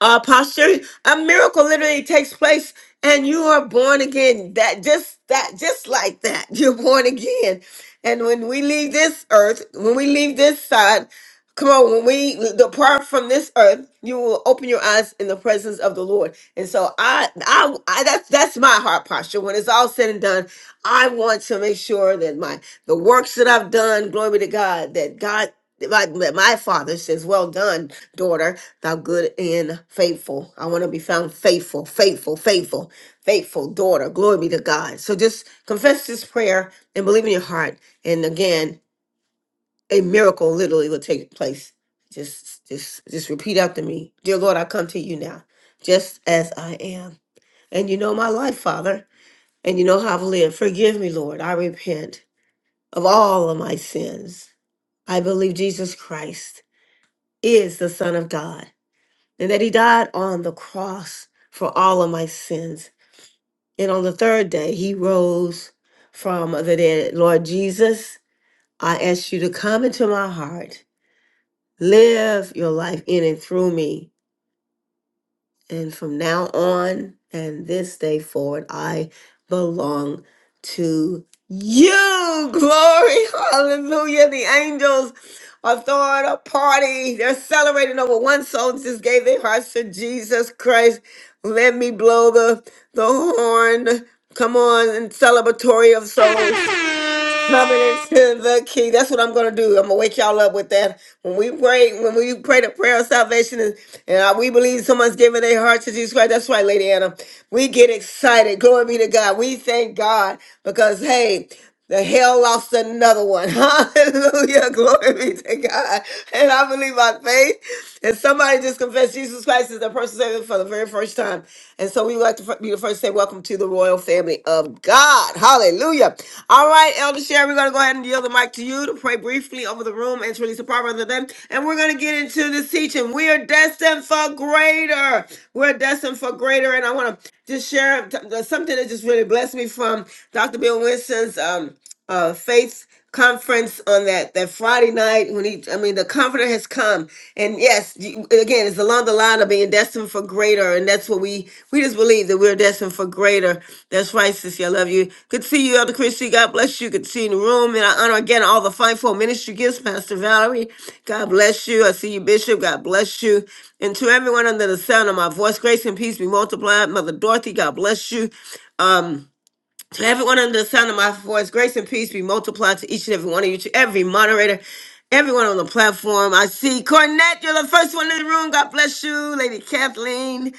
Speaker 1: uh, posture, a miracle literally takes place and you are born again. That just that just like that. You're born again. And when we leave this earth, when we leave this side, come on, when we depart from this earth, you will open your eyes in the presence of the Lord. And so I I, I that's that's my heart posture. When it's all said and done, I want to make sure that my the works that I've done, glory be to God, that God my, my father says, Well done, daughter, thou good and faithful. I want to be found faithful, faithful, faithful, faithful daughter. Glory be to God. So just confess this prayer and believe in your heart. And again, a miracle literally will take place. Just just just repeat after me. Dear Lord, I come to you now, just as I am. And you know my life, Father, and you know how I've lived. Forgive me, Lord. I repent of all of my sins. I believe Jesus Christ is the Son of God, and that he died on the cross for all of my sins. And on the third day, he rose from the dead. Lord Jesus, I ask you to come into my heart, live your life in and through me. And from now on and this day forward, I belong to you. Glory. Hallelujah. The angels are throwing a party. They're celebrating over one soul just gave their hearts to Jesus Christ. Let me blow the, the horn. Come on and celebratory of souls. Covenant to the key. That's what I'm gonna do. I'm gonna wake y'all up with that. When we pray, when we pray the prayer of salvation, and, and I- we believe someone's giving their heart to Jesus Christ. That's right, Lady Anna. We get excited. Glory be to God. We thank God because hey, the hell lost another one. Hallelujah. Glory be to God. And I believe by faith. And somebody just confessed Jesus Christ as their personal Savior for the very first time first time. And so we would like to fir- be the first to say welcome to the royal family of God. Hallelujah. All right, Elder Sharon, we're going to go ahead and yield the mic to you to pray briefly over the room and to release the proverb of the day. And we're going to get into this teaching. We are destined for greater. We're destined for greater. And I want to just share t- something that just really blessed me from Dr. Bill Winston's um, uh, faith conference on that that Friday night when he I mean the comforter has come and yes you- again it's along the line of being destined for greater and that's what we we just believe that we're destined for greater that's right sissy I love you good to see you Elder Christie God bless you good to see you in the room and I honor again all the fivefold ministry gifts Pastor Valerie God bless you I see you Bishop God bless you and to everyone under the sound of my voice grace and peace be multiplied Mother Dorothy God bless you Um, to everyone under the sound of my voice, grace and peace be multiplied to each and every one of you, to every moderator, everyone on the platform. I see Cornette, you're the first one in the room. God bless you, Lady Kathleen.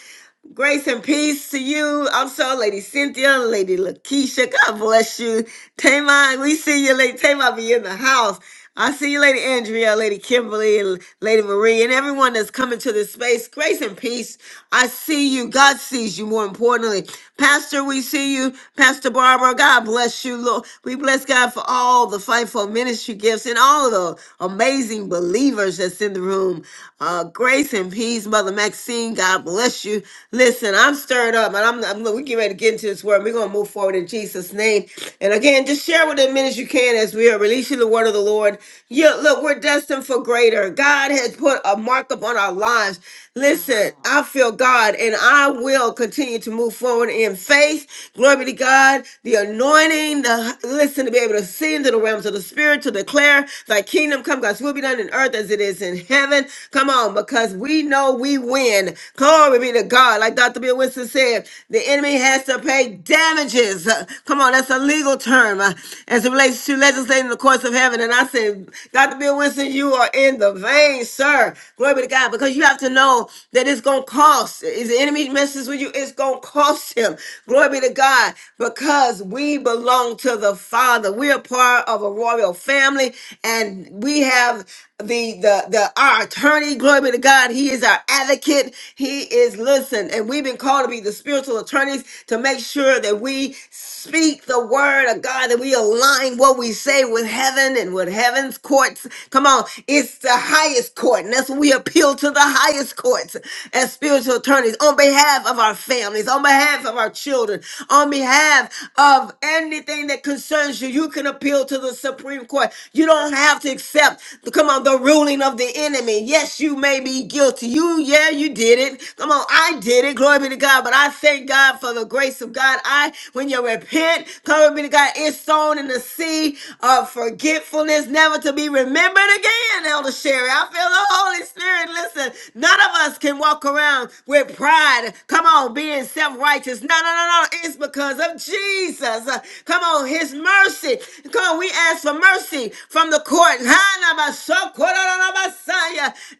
Speaker 1: Grace and peace to you. Also, Lady Cynthia, Lady Lakeisha. God bless you. Tamai, we see you, Lady Tamai, be in the house. I see you, Lady Andrea, Lady Kimberly, Lady Marie, and everyone that's coming to this space. Grace and peace. I see you. God sees you, more importantly. Pastor, we see you. Pastor Barbara, God bless you, Lord. We bless God for all the fightful ministry gifts and all of the amazing believers that's in the room. Uh, grace and peace peas, Mother Maxine. God bless you. Listen, I'm stirred up, and I'm, I'm look, we get ready to get into this word. We're gonna move forward in Jesus' name. And again, just share with them as you can as we are releasing the word of the Lord. Yeah, look, we're destined for greater. God has put a mark upon our lives. Listen, I feel God and I will continue to move forward in faith. Glory be to God. The anointing, the listen to be able to see into the realms of the spirit to declare thy kingdom come, God's will be done in earth as it is in heaven. Come on, because we know we win. Glory be to God. Like Dr. Bill Winston said, the enemy has to pay damages. Uh, Come on, that's a legal term uh, as it relates to legislating the course of heaven of heaven. And I said, Dr. Bill Winston, you are in the vein, sir. Glory be to God. Because you have to know that it's going to cost. If the enemy messes with you, it's going to cost him. Glory be to God. Because we belong to the Father. We are part of a royal family. And we have the the the our attorney glory be to god he is our advocate he is listen and we've been called to be the spiritual attorneys to make sure that we speak the word of god that we align what we say with heaven and with heaven's courts come on it's the highest court and that's what we appeal to the highest courts as spiritual attorneys on behalf of our families on behalf of our children on behalf of anything that concerns you you can appeal to to the Supreme Court. You don't have to accept, come on, the ruling of the enemy. Yes, you may be guilty. You, yeah, you did it. Come on, I did it. Glory be to God. But I thank God for the grace of God. I, when you repent, glory be to God, it's sown in the sea of forgetfulness, never to be remembered again, Elder Sherry. I feel the Holy Spirit. Listen, none of us can walk around with pride. Come on, being self righteous. No, no, no, no. It's because of Jesus. Jesus. Uh, Come on, his mercy. Come on, we ask for mercy from the court.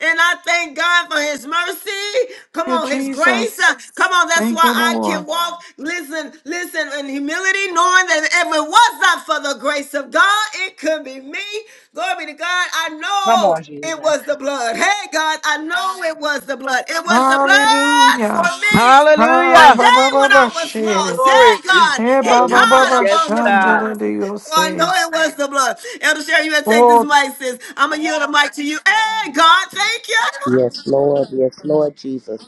Speaker 1: And I thank God for his mercy. Come
Speaker 4: you,
Speaker 1: on, his grace.
Speaker 4: Jesus.
Speaker 1: Uh, Come on, that's
Speaker 4: Thank
Speaker 1: why
Speaker 4: you,
Speaker 1: I can
Speaker 4: Lord.
Speaker 1: walk. Listen, listen in humility, knowing that if it was not for the grace of God, it could be me. Glory be to God. I
Speaker 14: Come
Speaker 1: know
Speaker 14: on,
Speaker 1: it was
Speaker 14: Jesus.
Speaker 1: the blood. Hey, God, I know it was the blood. It was the blood for
Speaker 4: Hallelujah.
Speaker 1: me.
Speaker 4: Ha
Speaker 1: One
Speaker 15: Hallelujah.
Speaker 4: ba
Speaker 1: day
Speaker 4: ba ba
Speaker 1: when I
Speaker 4: ba
Speaker 14: Thank
Speaker 1: was lost,
Speaker 14: you,
Speaker 15: Glory.
Speaker 1: hey God,
Speaker 14: Jesus.
Speaker 4: Eh,
Speaker 1: He
Speaker 4: ba, ba, ba,
Speaker 14: Hallelujah.
Speaker 1: died
Speaker 4: ba,
Speaker 15: Yes,
Speaker 1: upon the
Speaker 15: God.
Speaker 4: shanda, da,
Speaker 1: cross.
Speaker 4: da, you
Speaker 1: For I know
Speaker 4: say.
Speaker 1: it was the blood. Elder Sharon, you better take this
Speaker 4: Oh,
Speaker 1: mic, sis. I'm gonna yield the mic to you. Hey God, thank you.
Speaker 16: Yes, Lord. Yes, Lord Jesus.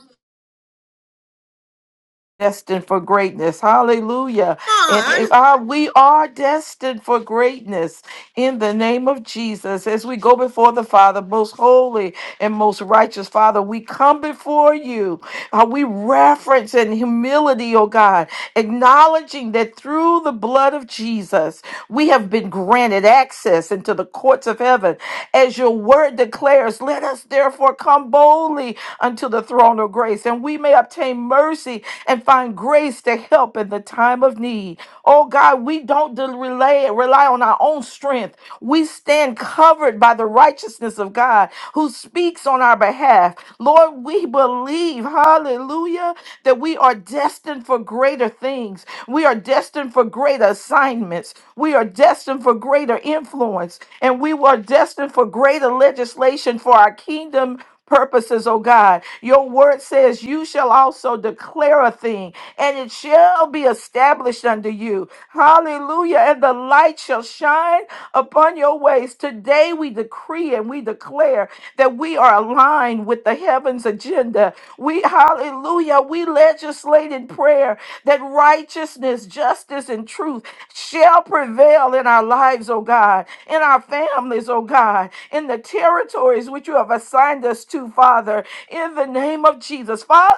Speaker 4: destined for greatness. Hallelujah.
Speaker 1: Come
Speaker 4: And
Speaker 1: on.
Speaker 4: if, uh, we are destined for greatness in the name of Jesus. As we go before the Father, most holy and most righteous Father, we come before you. Uh, we reverence in humility, oh God, acknowledging that through the blood of Jesus, we have been granted access into the courts of heaven. As your word declares, let us therefore come boldly unto the throne of grace, and we may obtain mercy and find grace to help in the time of need. Oh God, we don't de- relay, rely on our own strength. We stand covered by the righteousness of God who speaks on our behalf. Lord, we believe, hallelujah, that we are destined for greater things. We are destined for greater assignments. We are destined for greater influence. And we were destined for greater legislation for our kingdom purposes, oh God. Your word says, You shall also declare a thing, and it shall be established unto you. Hallelujah. And the light shall shine upon your ways. Today we decree and we declare that we are aligned with the heavens agenda. We, hallelujah, we legislate in prayer that righteousness, justice, and truth shall prevail in our lives, oh God, in our families, oh God, in the territories which you have assigned us to, Father, in the name of Jesus. Father,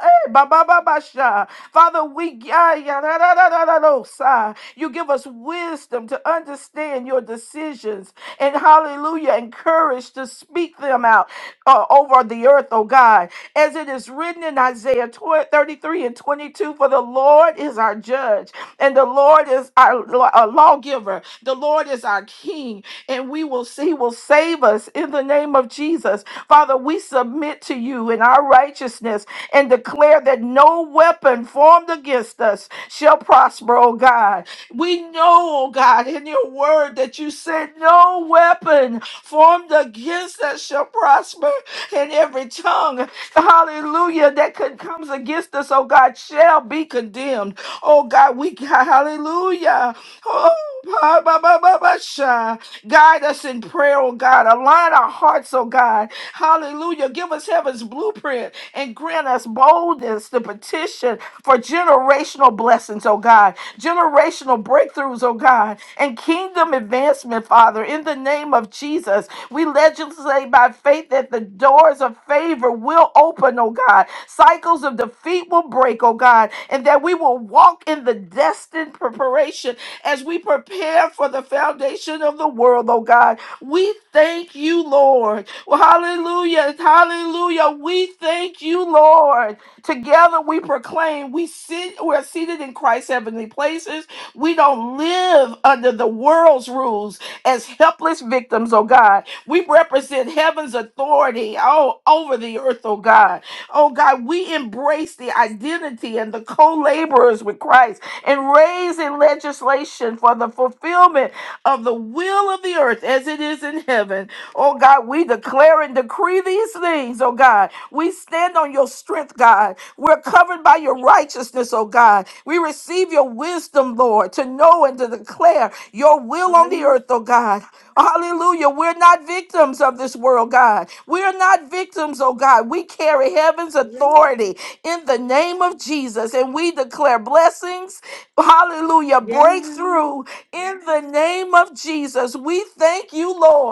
Speaker 4: Father, we ya, ya, da, da, da, da, da, do, sa. you give us wisdom to understand your decisions and hallelujah and courage to speak them out uh, over the earth, oh God, as it is written in Isaiah 12 33 and 22 For the Lord is our judge and the Lord is our, law- our lawgiver. The Lord is our king. And we will see, He will save us in the name of Jesus. Father, we submit to you in our righteousness and declare that no weapon formed against us shall prosper, oh God. We know, oh God, in your word that you said no weapon formed against us shall prosper, and every tongue, hallelujah, that could, comes against us, oh God, shall be condemned. Oh God, we hallelujah. Oh, ba, ba, ba, ba, ba, sha. guide us in prayer, oh God. Align our hearts, oh God. Hallelujah. Give us heaven's blueprint and grant us boldness to petition for generational blessings, oh God. Generational breakthroughs, oh God. And kingdom advancement, Father, in the name of Jesus. We legislate by faith that the doors of favor will open, oh God. Cycles of defeat will break, oh God, and that we will walk in the destined preparation as we prepare for the foundation of the world, oh God. We thank you, Lord. Well, hallelujah. Hallelujah. We thank you, Lord. Together we proclaim we sit we're seated in Christ's heavenly places. We don't live under the world's rules as helpless victims, oh God. We represent heaven's authority all over the earth, oh God. Oh God, we embrace the identity and the co laborers with Christ and raise in legislation for the fulfillment of the will of the earth as it is in heaven. Oh God, we declare and decree these things, oh God. We stand on your strength, God. We're covered by your righteousness, oh God. We receive your wisdom, Lord, to know and to declare your will on the earth, oh God. Hallelujah. We're not victims of this world, God. We're not victims, oh God. We carry heaven's authority in the name of Jesus, and we declare blessings, hallelujah, breakthrough in the name of Jesus. We thank you, Lord.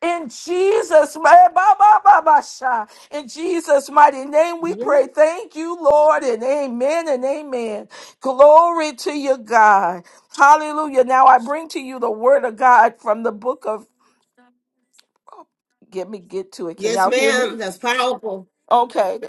Speaker 4: In Jesus, my- ba- ba- ba- ba- sha. in Jesus' mighty name, we
Speaker 1: Yeah.
Speaker 4: pray. Thank you, Lord, and amen and amen. Glory to you, God. Hallelujah. Now I bring to you the word of God from the book of. Get me get to it. Can
Speaker 1: Yes,
Speaker 4: y'all hear
Speaker 1: ma'am.
Speaker 4: me?
Speaker 1: That's powerful.
Speaker 4: Okay.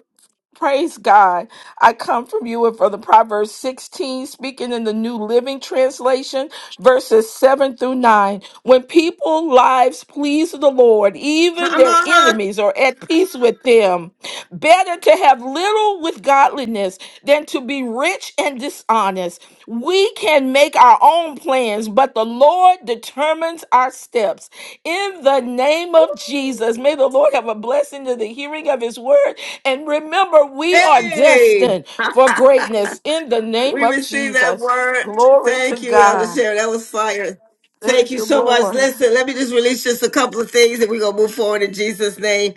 Speaker 4: Praise God. I come from you and for the Proverbs 16, speaking in the New Living Translation, verses 7 through 9. When people lives please the Lord, even
Speaker 1: Come
Speaker 4: their
Speaker 1: on.
Speaker 4: enemies are at peace with them. Better to have little with godliness than to be rich and dishonest. We can make our own plans, but the Lord determines our steps. In the name of Jesus, may the Lord have a blessing to the hearing of his word. And remember, we are
Speaker 1: Hey,
Speaker 4: destined for greatness in the name
Speaker 1: we
Speaker 4: of
Speaker 1: received that
Speaker 4: Jesus.
Speaker 1: word.
Speaker 4: Glory to
Speaker 1: Thank you, Elder
Speaker 4: God.
Speaker 1: Sharon. That was fire. Thank
Speaker 4: Thank
Speaker 1: you
Speaker 4: you,
Speaker 1: so much.
Speaker 4: Lord.
Speaker 1: Listen, let me just release just a couple of things and we're going to move forward in Jesus' name.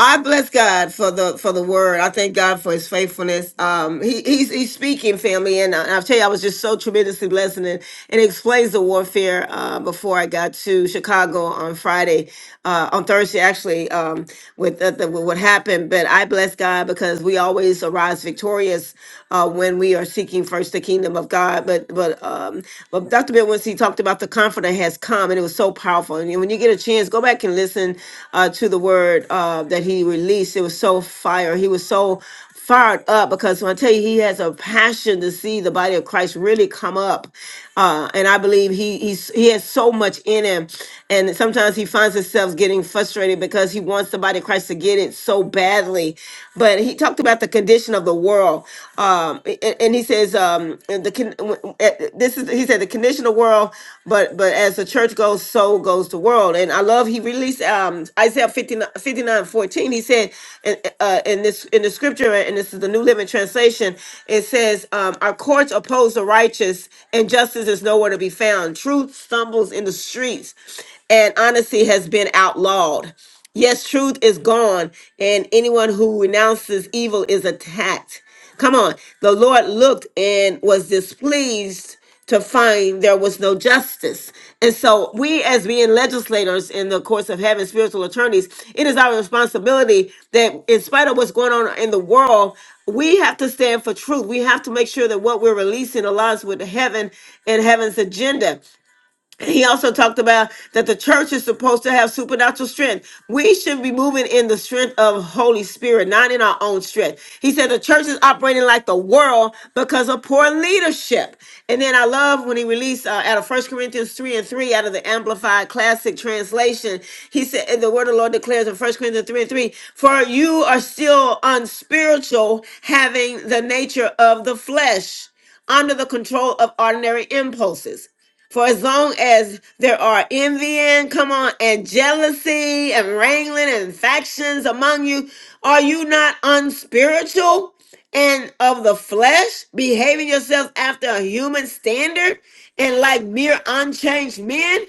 Speaker 1: I bless God for the for the word. I thank God for His faithfulness. Um, he, he's he's speaking, family, and I, I'll tell you, I was just so tremendously blessed, and it, and it explains the warfare. Uh, before I got to Chicago on Friday, uh, on Thursday actually, um, with the, the, with what happened, but I bless God because we always arise victorious uh, when we are seeking first the kingdom of God. But but um, but Dr. Bill once he talked about the comforter that has come, and it was so powerful. And when you get a chance, go back and listen uh, to the word uh, that he released. It was so fire. He was so fired up because when I tell you he has a passion to see the body of Christ really come up. Uh, and I believe he he's, he has so much in him. And sometimes he finds himself getting frustrated because he wants the body of Christ to get it so badly. But he talked about the condition of the world. Um, um a- and he says um and the con- eh, this is he said the conditional world but but as the church goes so goes the world and i love he released um isaiah 59, fifty-nine, fourteen. he said in, uh, in this in the scripture and this is the new living translation it says um our courts oppose the righteous and justice is nowhere to be found truth stumbles in the streets and honesty has been outlawed Yes, truth is gone, and anyone who renounces evil is attacked. Come on. The Lord looked and was displeased to find there was no justice. And so, we as being legislators in the course of heaven, spiritual attorneys, it is our responsibility that, in spite of what's going on in the world, we have to stand for truth. We have to make sure that what we're releasing aligns with heaven and heaven's agenda. He also talked about that the church is supposed to have supernatural strength. We should be moving in the strength of Holy Spirit, not in our own strength. He said the church is operating like the world because of poor leadership. And then I love when he released uh, out of First Corinthians 3 and 3 out of the Amplified Classic Translation. He said, and the word of the Lord declares in First Corinthians 3 and 3, for you are still unspiritual, having the nature of the flesh under the control of ordinary impulses. For as long as there are envying, come on, and jealousy and wrangling and factions among you, are you not unspiritual and of the flesh, behaving yourselves after a human standard and like mere unchanged men?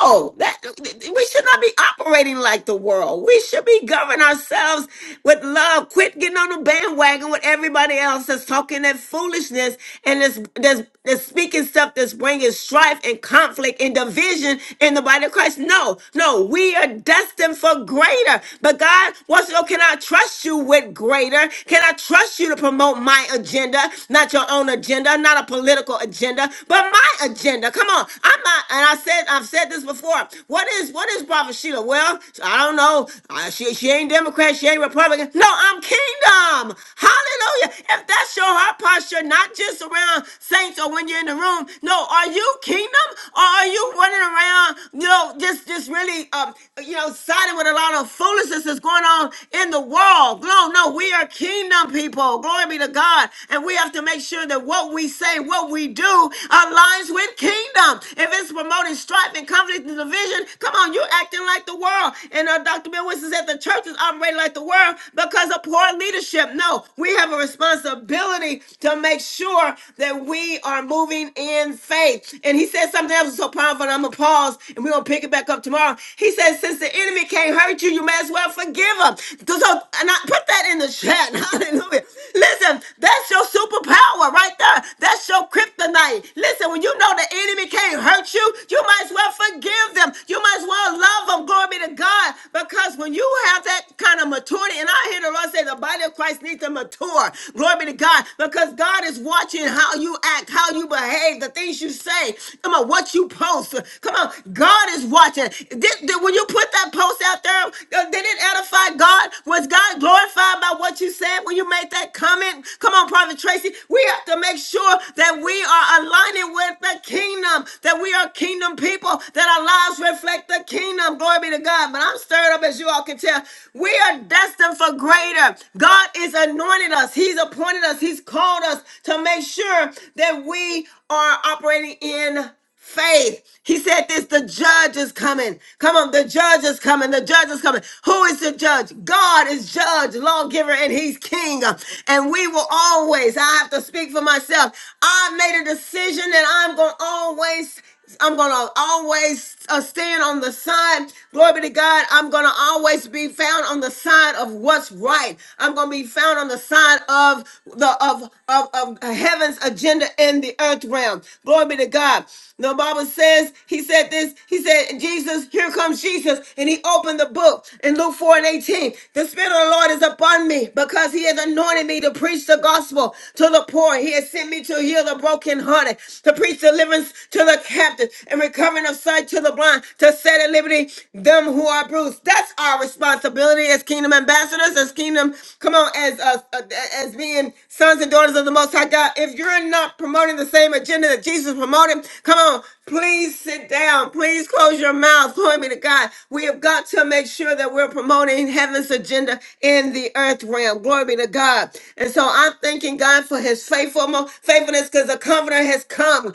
Speaker 1: No, that we should not be operating like the world. We should be governing ourselves with love. Quit getting on the bandwagon with everybody else that's talking that foolishness and this this this speaking stuff that's bringing strife and conflict and division in the body of Christ. No, no, we are destined for greater. But God wants to know, can I trust you with greater? Can I trust you to promote my agenda, not your own agenda, not a political agenda, but my agenda? Come on, I'm not, and I said I've said this before. What is what is Prophet Sheila? Well, I don't know. Uh, she she ain't Democrat. She ain't Republican. No, I'm Kingdom. Hallelujah. If that's your heart posture, not just around saints or when you're in the room. No, are you Kingdom or are you running around? You know, just just really, um, you know, siding with a lot of foolishness that's going on in the world. No, no, we are Kingdom people. Glory be to God, and we have to make sure that what we say, what we do aligns with kingdom. If it's promoting strife and conflict and division, come on, you acting like the world. And uh, Dr. Bill Winston said the church is operating like the world because of poor leadership. No, we have a responsibility to make sure that we are moving in faith. And he said something else was so powerful, and I'm going to pause and we're going to pick it back up tomorrow. He said, since the enemy can't hurt you, you may as well forgive him. So, so- and I put that in the chat. Hallelujah. Listen, that's your superpower right there. That's your kryptonite. Listen, when you know the enemy can't hurt you, you might as well forgive them. You might as well love them. Glory be to God. Because when you have that kind of maturity, and I hear the Lord say the body of Christ needs to mature. Glory be to God. Because God is watching how you act, how you behave, the things you say. Come on, what you post. Come on, God is watching. Did, did- when you put that post out there, uh, did it edify God? Was God glorified by what you said when you made that comment? Come on, Prophet Tracy, we have to make sure that we are aligning with the kingdom, that we are kingdom people, that our lives reflect the kingdom. Glory be to God. But I'm stirred up, as you all can tell. We are destined for greater. God is anointed us, He's appointed us, He's called us to make sure that we are operating in faith. He said this the judge is coming. Come on, the judge is coming. The judge is coming. Who is the judge? God is judge, lawgiver, and he's king. And we will always, I have to speak for myself. I made a decision that I'm going to always. I'm gonna always uh, stand on the side. Glory be to God. I'm gonna always be found on the side of what's right. I'm gonna be found on the side of the of of, of heaven's agenda in the earth realm. Glory be to God. The Bible says he said this. He said, "Jesus, here comes Jesus," and he opened the book in Luke 4 and 18. The Spirit of the Lord is upon me because He has anointed me to preach the gospel to the poor. He has sent me to heal the brokenhearted started to preach deliverance to the captives and recovering of sight to the blind, to set at liberty them who are bruised. That's our responsibility as kingdom ambassadors, as kingdom, come on, as uh, uh, as being sons and daughters of the Most High God. If you're not promoting the same agenda that Jesus promoted, come on, Please sit down. Please close your mouth. Glory be to God. We have got to make sure that we're promoting heaven's agenda in the earth realm. Glory be to God. And so I'm thanking God for his faithful faithfulness because the comforter has come.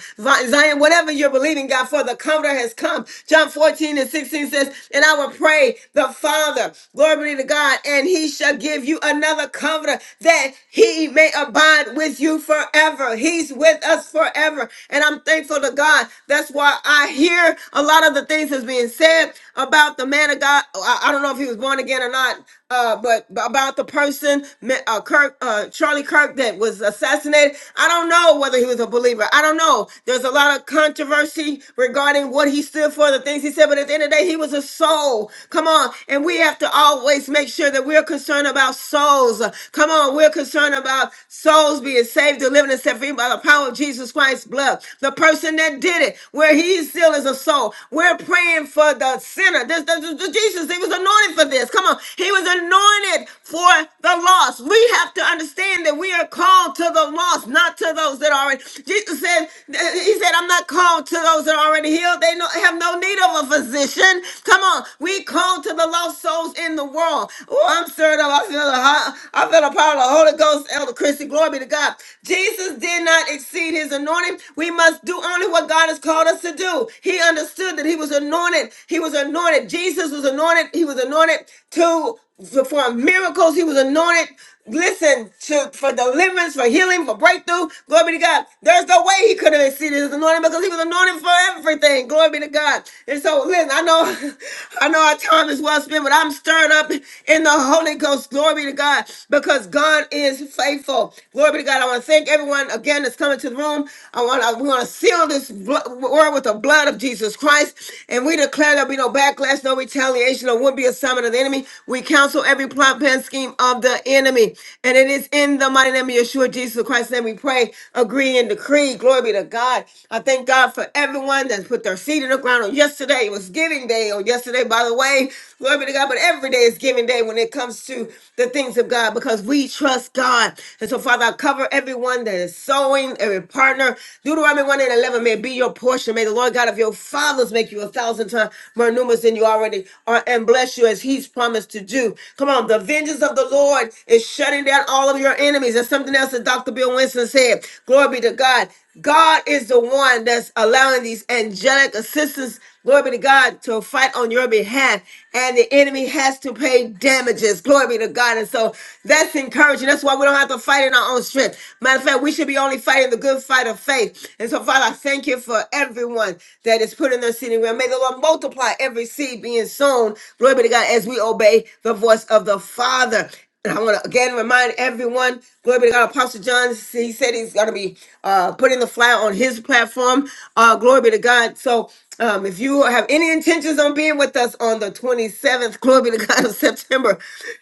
Speaker 1: Zion, whatever you're believing God for, the comforter has come. John 14 and 16 says, And I will pray the Father, glory be to God, and he shall give you another comforter that he may abide with you forever. He's with us forever. And I'm thankful thankful to God. That's why I hear a lot of the things that's being said about the man of God. I, I don't know if he was born again or not, uh, but but about the person, ma- uh, Kirk, uh, Charlie Kirk, that was assassinated. I don't know whether he was a believer. I don't know. There's a lot of controversy regarding what he stood for, the things he said. But at the end of the day, he was a soul. Come on, and we have to always make sure that we're concerned about souls. Come on, we're concerned about souls being saved, delivered, and set free by the power of Jesus. Jesus Christ's blood, the person that did it, where he still is a soul. We're praying for the sinner. This, this, this- Jesus, he was anointed for this. Come on. He was anointed for the lost. We have to understand that we are called to the lost, not to those that are already. Jesus said, he said, I'm not called to those that are already healed. They no, have no need of a physician. Come on. We called to the lost souls in the world. Oh, I'm stirred up. I feel the, I feel the power of the Holy Ghost, Elder Christy, Glory be to God. Jesus did cannot exceed his anointing. We must do only what God has called us to do. He understood that he was anointed. He was anointed. Jesus was anointed. He was anointed to perform miracles. He was anointed. Listen to for deliverance, for healing, for breakthrough. Glory be to God. There's no way he could have exceeded his anointing because he was anointed for everything. Glory be to God. And so, listen, I know, I know our time is well spent, but I'm stirred up in the Holy Ghost. Glory be to God because God is faithful. Glory be to God. God. I want to thank everyone again that's coming to the room. I want to, we want to seal this blo- word with the blood of Jesus Christ. And we declare there'll be no backlash, no retaliation, or would be assignment of the enemy. We counsel every plot, plan, scheme of the enemy. And it is in the mighty name of Yeshua, Jesus Christ, Then we pray, agree, and decree. Glory be to God. I thank God for everyone that put their seed in the ground on yesterday. It was giving day on yesterday, by the way. Glory be to God. But every day is giving day when it comes to the things of God because we trust God. And so, Father, I cover everyone that is sowing, every partner. Deuteronomy 1 and 11 may be your portion. May the Lord God of your fathers make you a thousand times more numerous than you already are and bless you as he's promised to do. Come on, the vengeance of the Lord is shutting down all of your enemies. That's something else that Dr. Bill Winston said. Glory be to God. God is the one that's allowing these angelic assistants, glory be to God, to fight on your behalf. And the enemy has to pay damages. Glory be to God. And so that's encouraging. That's why we don't have to fight in our own strength. Matter of fact, we should be only fighting the good fight of faith. And so, Father, I thank you for everyone that is put in their seating And may the Lord multiply every seed being sown. Glory be to God as we obey the voice of the Father. And I want to again remind everyone, glory be to God, Apostle John, he said he's going to be uh, putting the flyer on his platform. Uh, glory be to God. So um, if you have any intentions on being with us on the 27th, glory be to God, of September,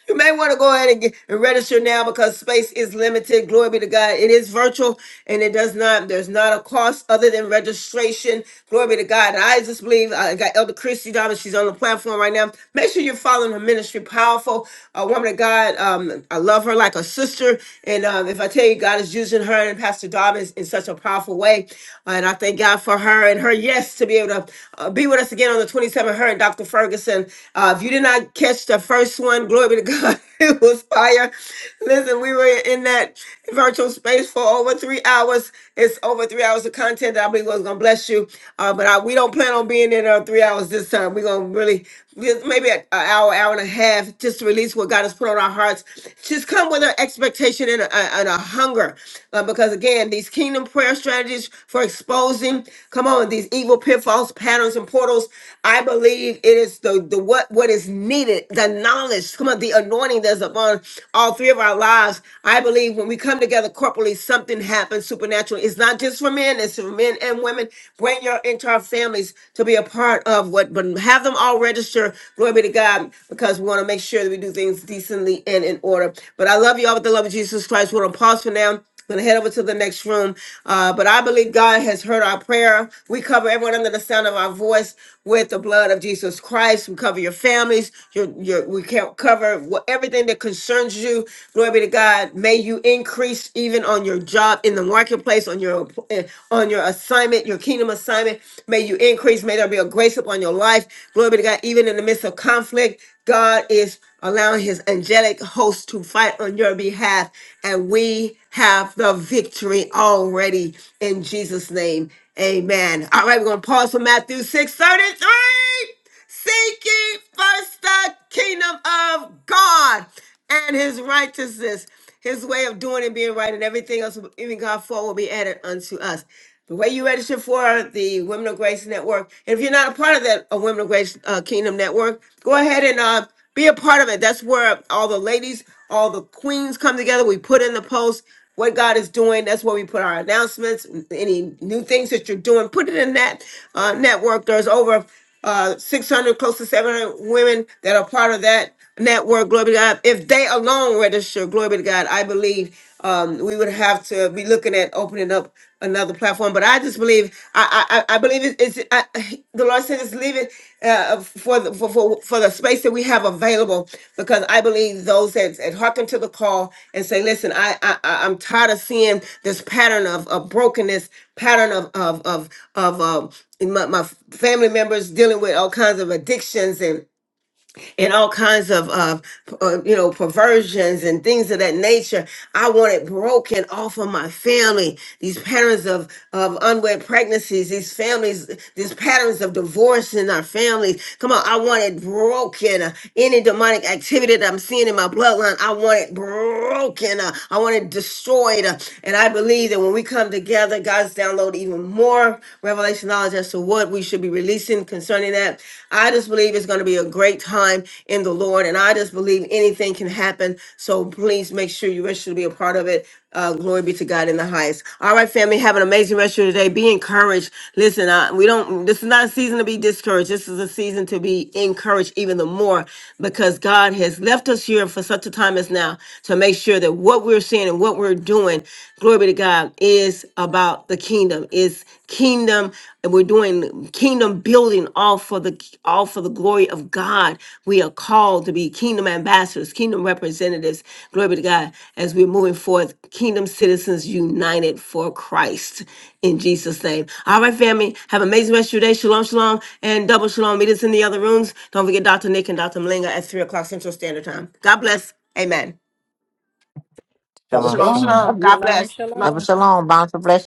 Speaker 1: you may want to go ahead and, get, and register now because space is limited. Glory be to God. It is virtual and it does not, there's not a cost other than registration. Glory be to God. And I just believe, uh, I got Elder Christy Dobbins, she's on the platform platform right now. Make sure you're following her ministry. Powerful, a woman of God. Um, I love her like a sister. And um, if I tell you, God is using her and Pastor Dobbins in such a powerful way. uh, And I thank God for her and her yes to be able to uh, be with us again on the 27th. Her and Dr. Ferguson. Uh, if you did not catch the first one, glory be to God. it was fire. Listen, we were in that virtual space for over three hours. It's over three hours of content that I believe was going to bless you. Uh, but I, we don't plan on being in there three hours this time. We're going to really, just maybe an hour, hour and a half, just to release what God has put on our hearts. Just come with an expectation and a, and a hunger. Uh, because again, these kingdom prayer strategies for exposing, come on, these evil pitfalls, patterns, and portals. I believe it is the, the what what is needed, the knowledge, come on, the anointing that's upon all three of our lives. I believe when we come together corporately, something happens supernaturally. It's not just for men, it's for men and women. Bring your entire families to be a part of what, but have them all register. Glory be to God, because we want to make sure that we do things decently and in order. But I love you all with the love of Jesus Christ. We're gonna pause for now going to head over to the next room. Uh, but I believe God has heard our prayer. We cover everyone under the sound of our voice with the blood of Jesus Christ. We cover your families. Your, your, we can't cover what, everything that concerns you. Glory be to God. May you increase even on your job, in the marketplace, on your eh, on your assignment, your kingdom assignment. May you increase. May there be a grace upon your life. Glory be to God. Even in the midst of conflict, God is allowing His angelic host to fight on your behalf, and we have the victory already in Jesus' name. Amen. All right, we're going to pause for Matthew 6 33. Seek ye first the kingdom of God and his righteousness, his way of doing and being right, and everything else, even God for, will be added unto us. The way you register for the Women of Grace Network, and if you're not a part of that uh, Women of Grace uh, Kingdom Network, go ahead and uh, be a part of it. That's where all the ladies, all the queens come together. We put in the post what God is doing. That's where we put our announcements, any new things that you're doing. Put it in that uh, network. There's over uh, 600, close to 700 women that are part of that network, glory be to God. If they alone register, glory be to God, I believe um, we would have to be looking at opening up another platform. But I just believe, I I, I I believe it's, it's I, the Lord said it's leaving uh, uh, for the for, for for the space that we have available because I believe those that, that hearken to the call and say, listen, I, I I- I'm tired of seeing this pattern of, of brokenness, pattern of of of of um, in my, my family members dealing with all kinds of addictions and all kinds of, of uh, you know perversions and things of that nature. I want it broken off of my family. These patterns of of unwed pregnancies, these families, these patterns of divorce in our families. Come on, I want it broken. Uh, Any demonic activity that I'm seeing in my bloodline, I want it broken. Uh, I want it destroyed. Uh, And I believe that when we come together, God's download even more revelation knowledge as to what what we should be releasing concerning that. I just believe it's going to be a great time in the Lord, and I just believe anything can happen. So please make sure you register to be a part of it. Uh, glory be to God in the highest. All right, family, have an amazing rest of your day. Be encouraged. Listen, uh, we don't. This is not a season to be discouraged. This is a season to be encouraged even the more because God has left us here for such a time as now to make sure that what we're seeing and what we're doing, glory be to God is about the kingdom. It's kingdom, and we're doing kingdom building all for the all for the glory of God. We are called to be kingdom ambassadors, kingdom representatives. Glory be to God as we're moving forth, kingdom citizens united for Christ in Jesus' name. All right, family. Have an amazing rest of your day. Shalom, shalom, and double shalom. Meet us in the other rooms. Don't forget Dr. Nick and Dr. Malinga at three o'clock Central Standard Time. God bless. Amen.
Speaker 14: That is
Speaker 4: Shalom,
Speaker 1: Shalom,
Speaker 14: long.
Speaker 4: shalom.
Speaker 1: shalom.
Speaker 14: Have you?
Speaker 1: God bless. Love
Speaker 6: shalom.
Speaker 3: Shabbat shalom. Bountiful blessings.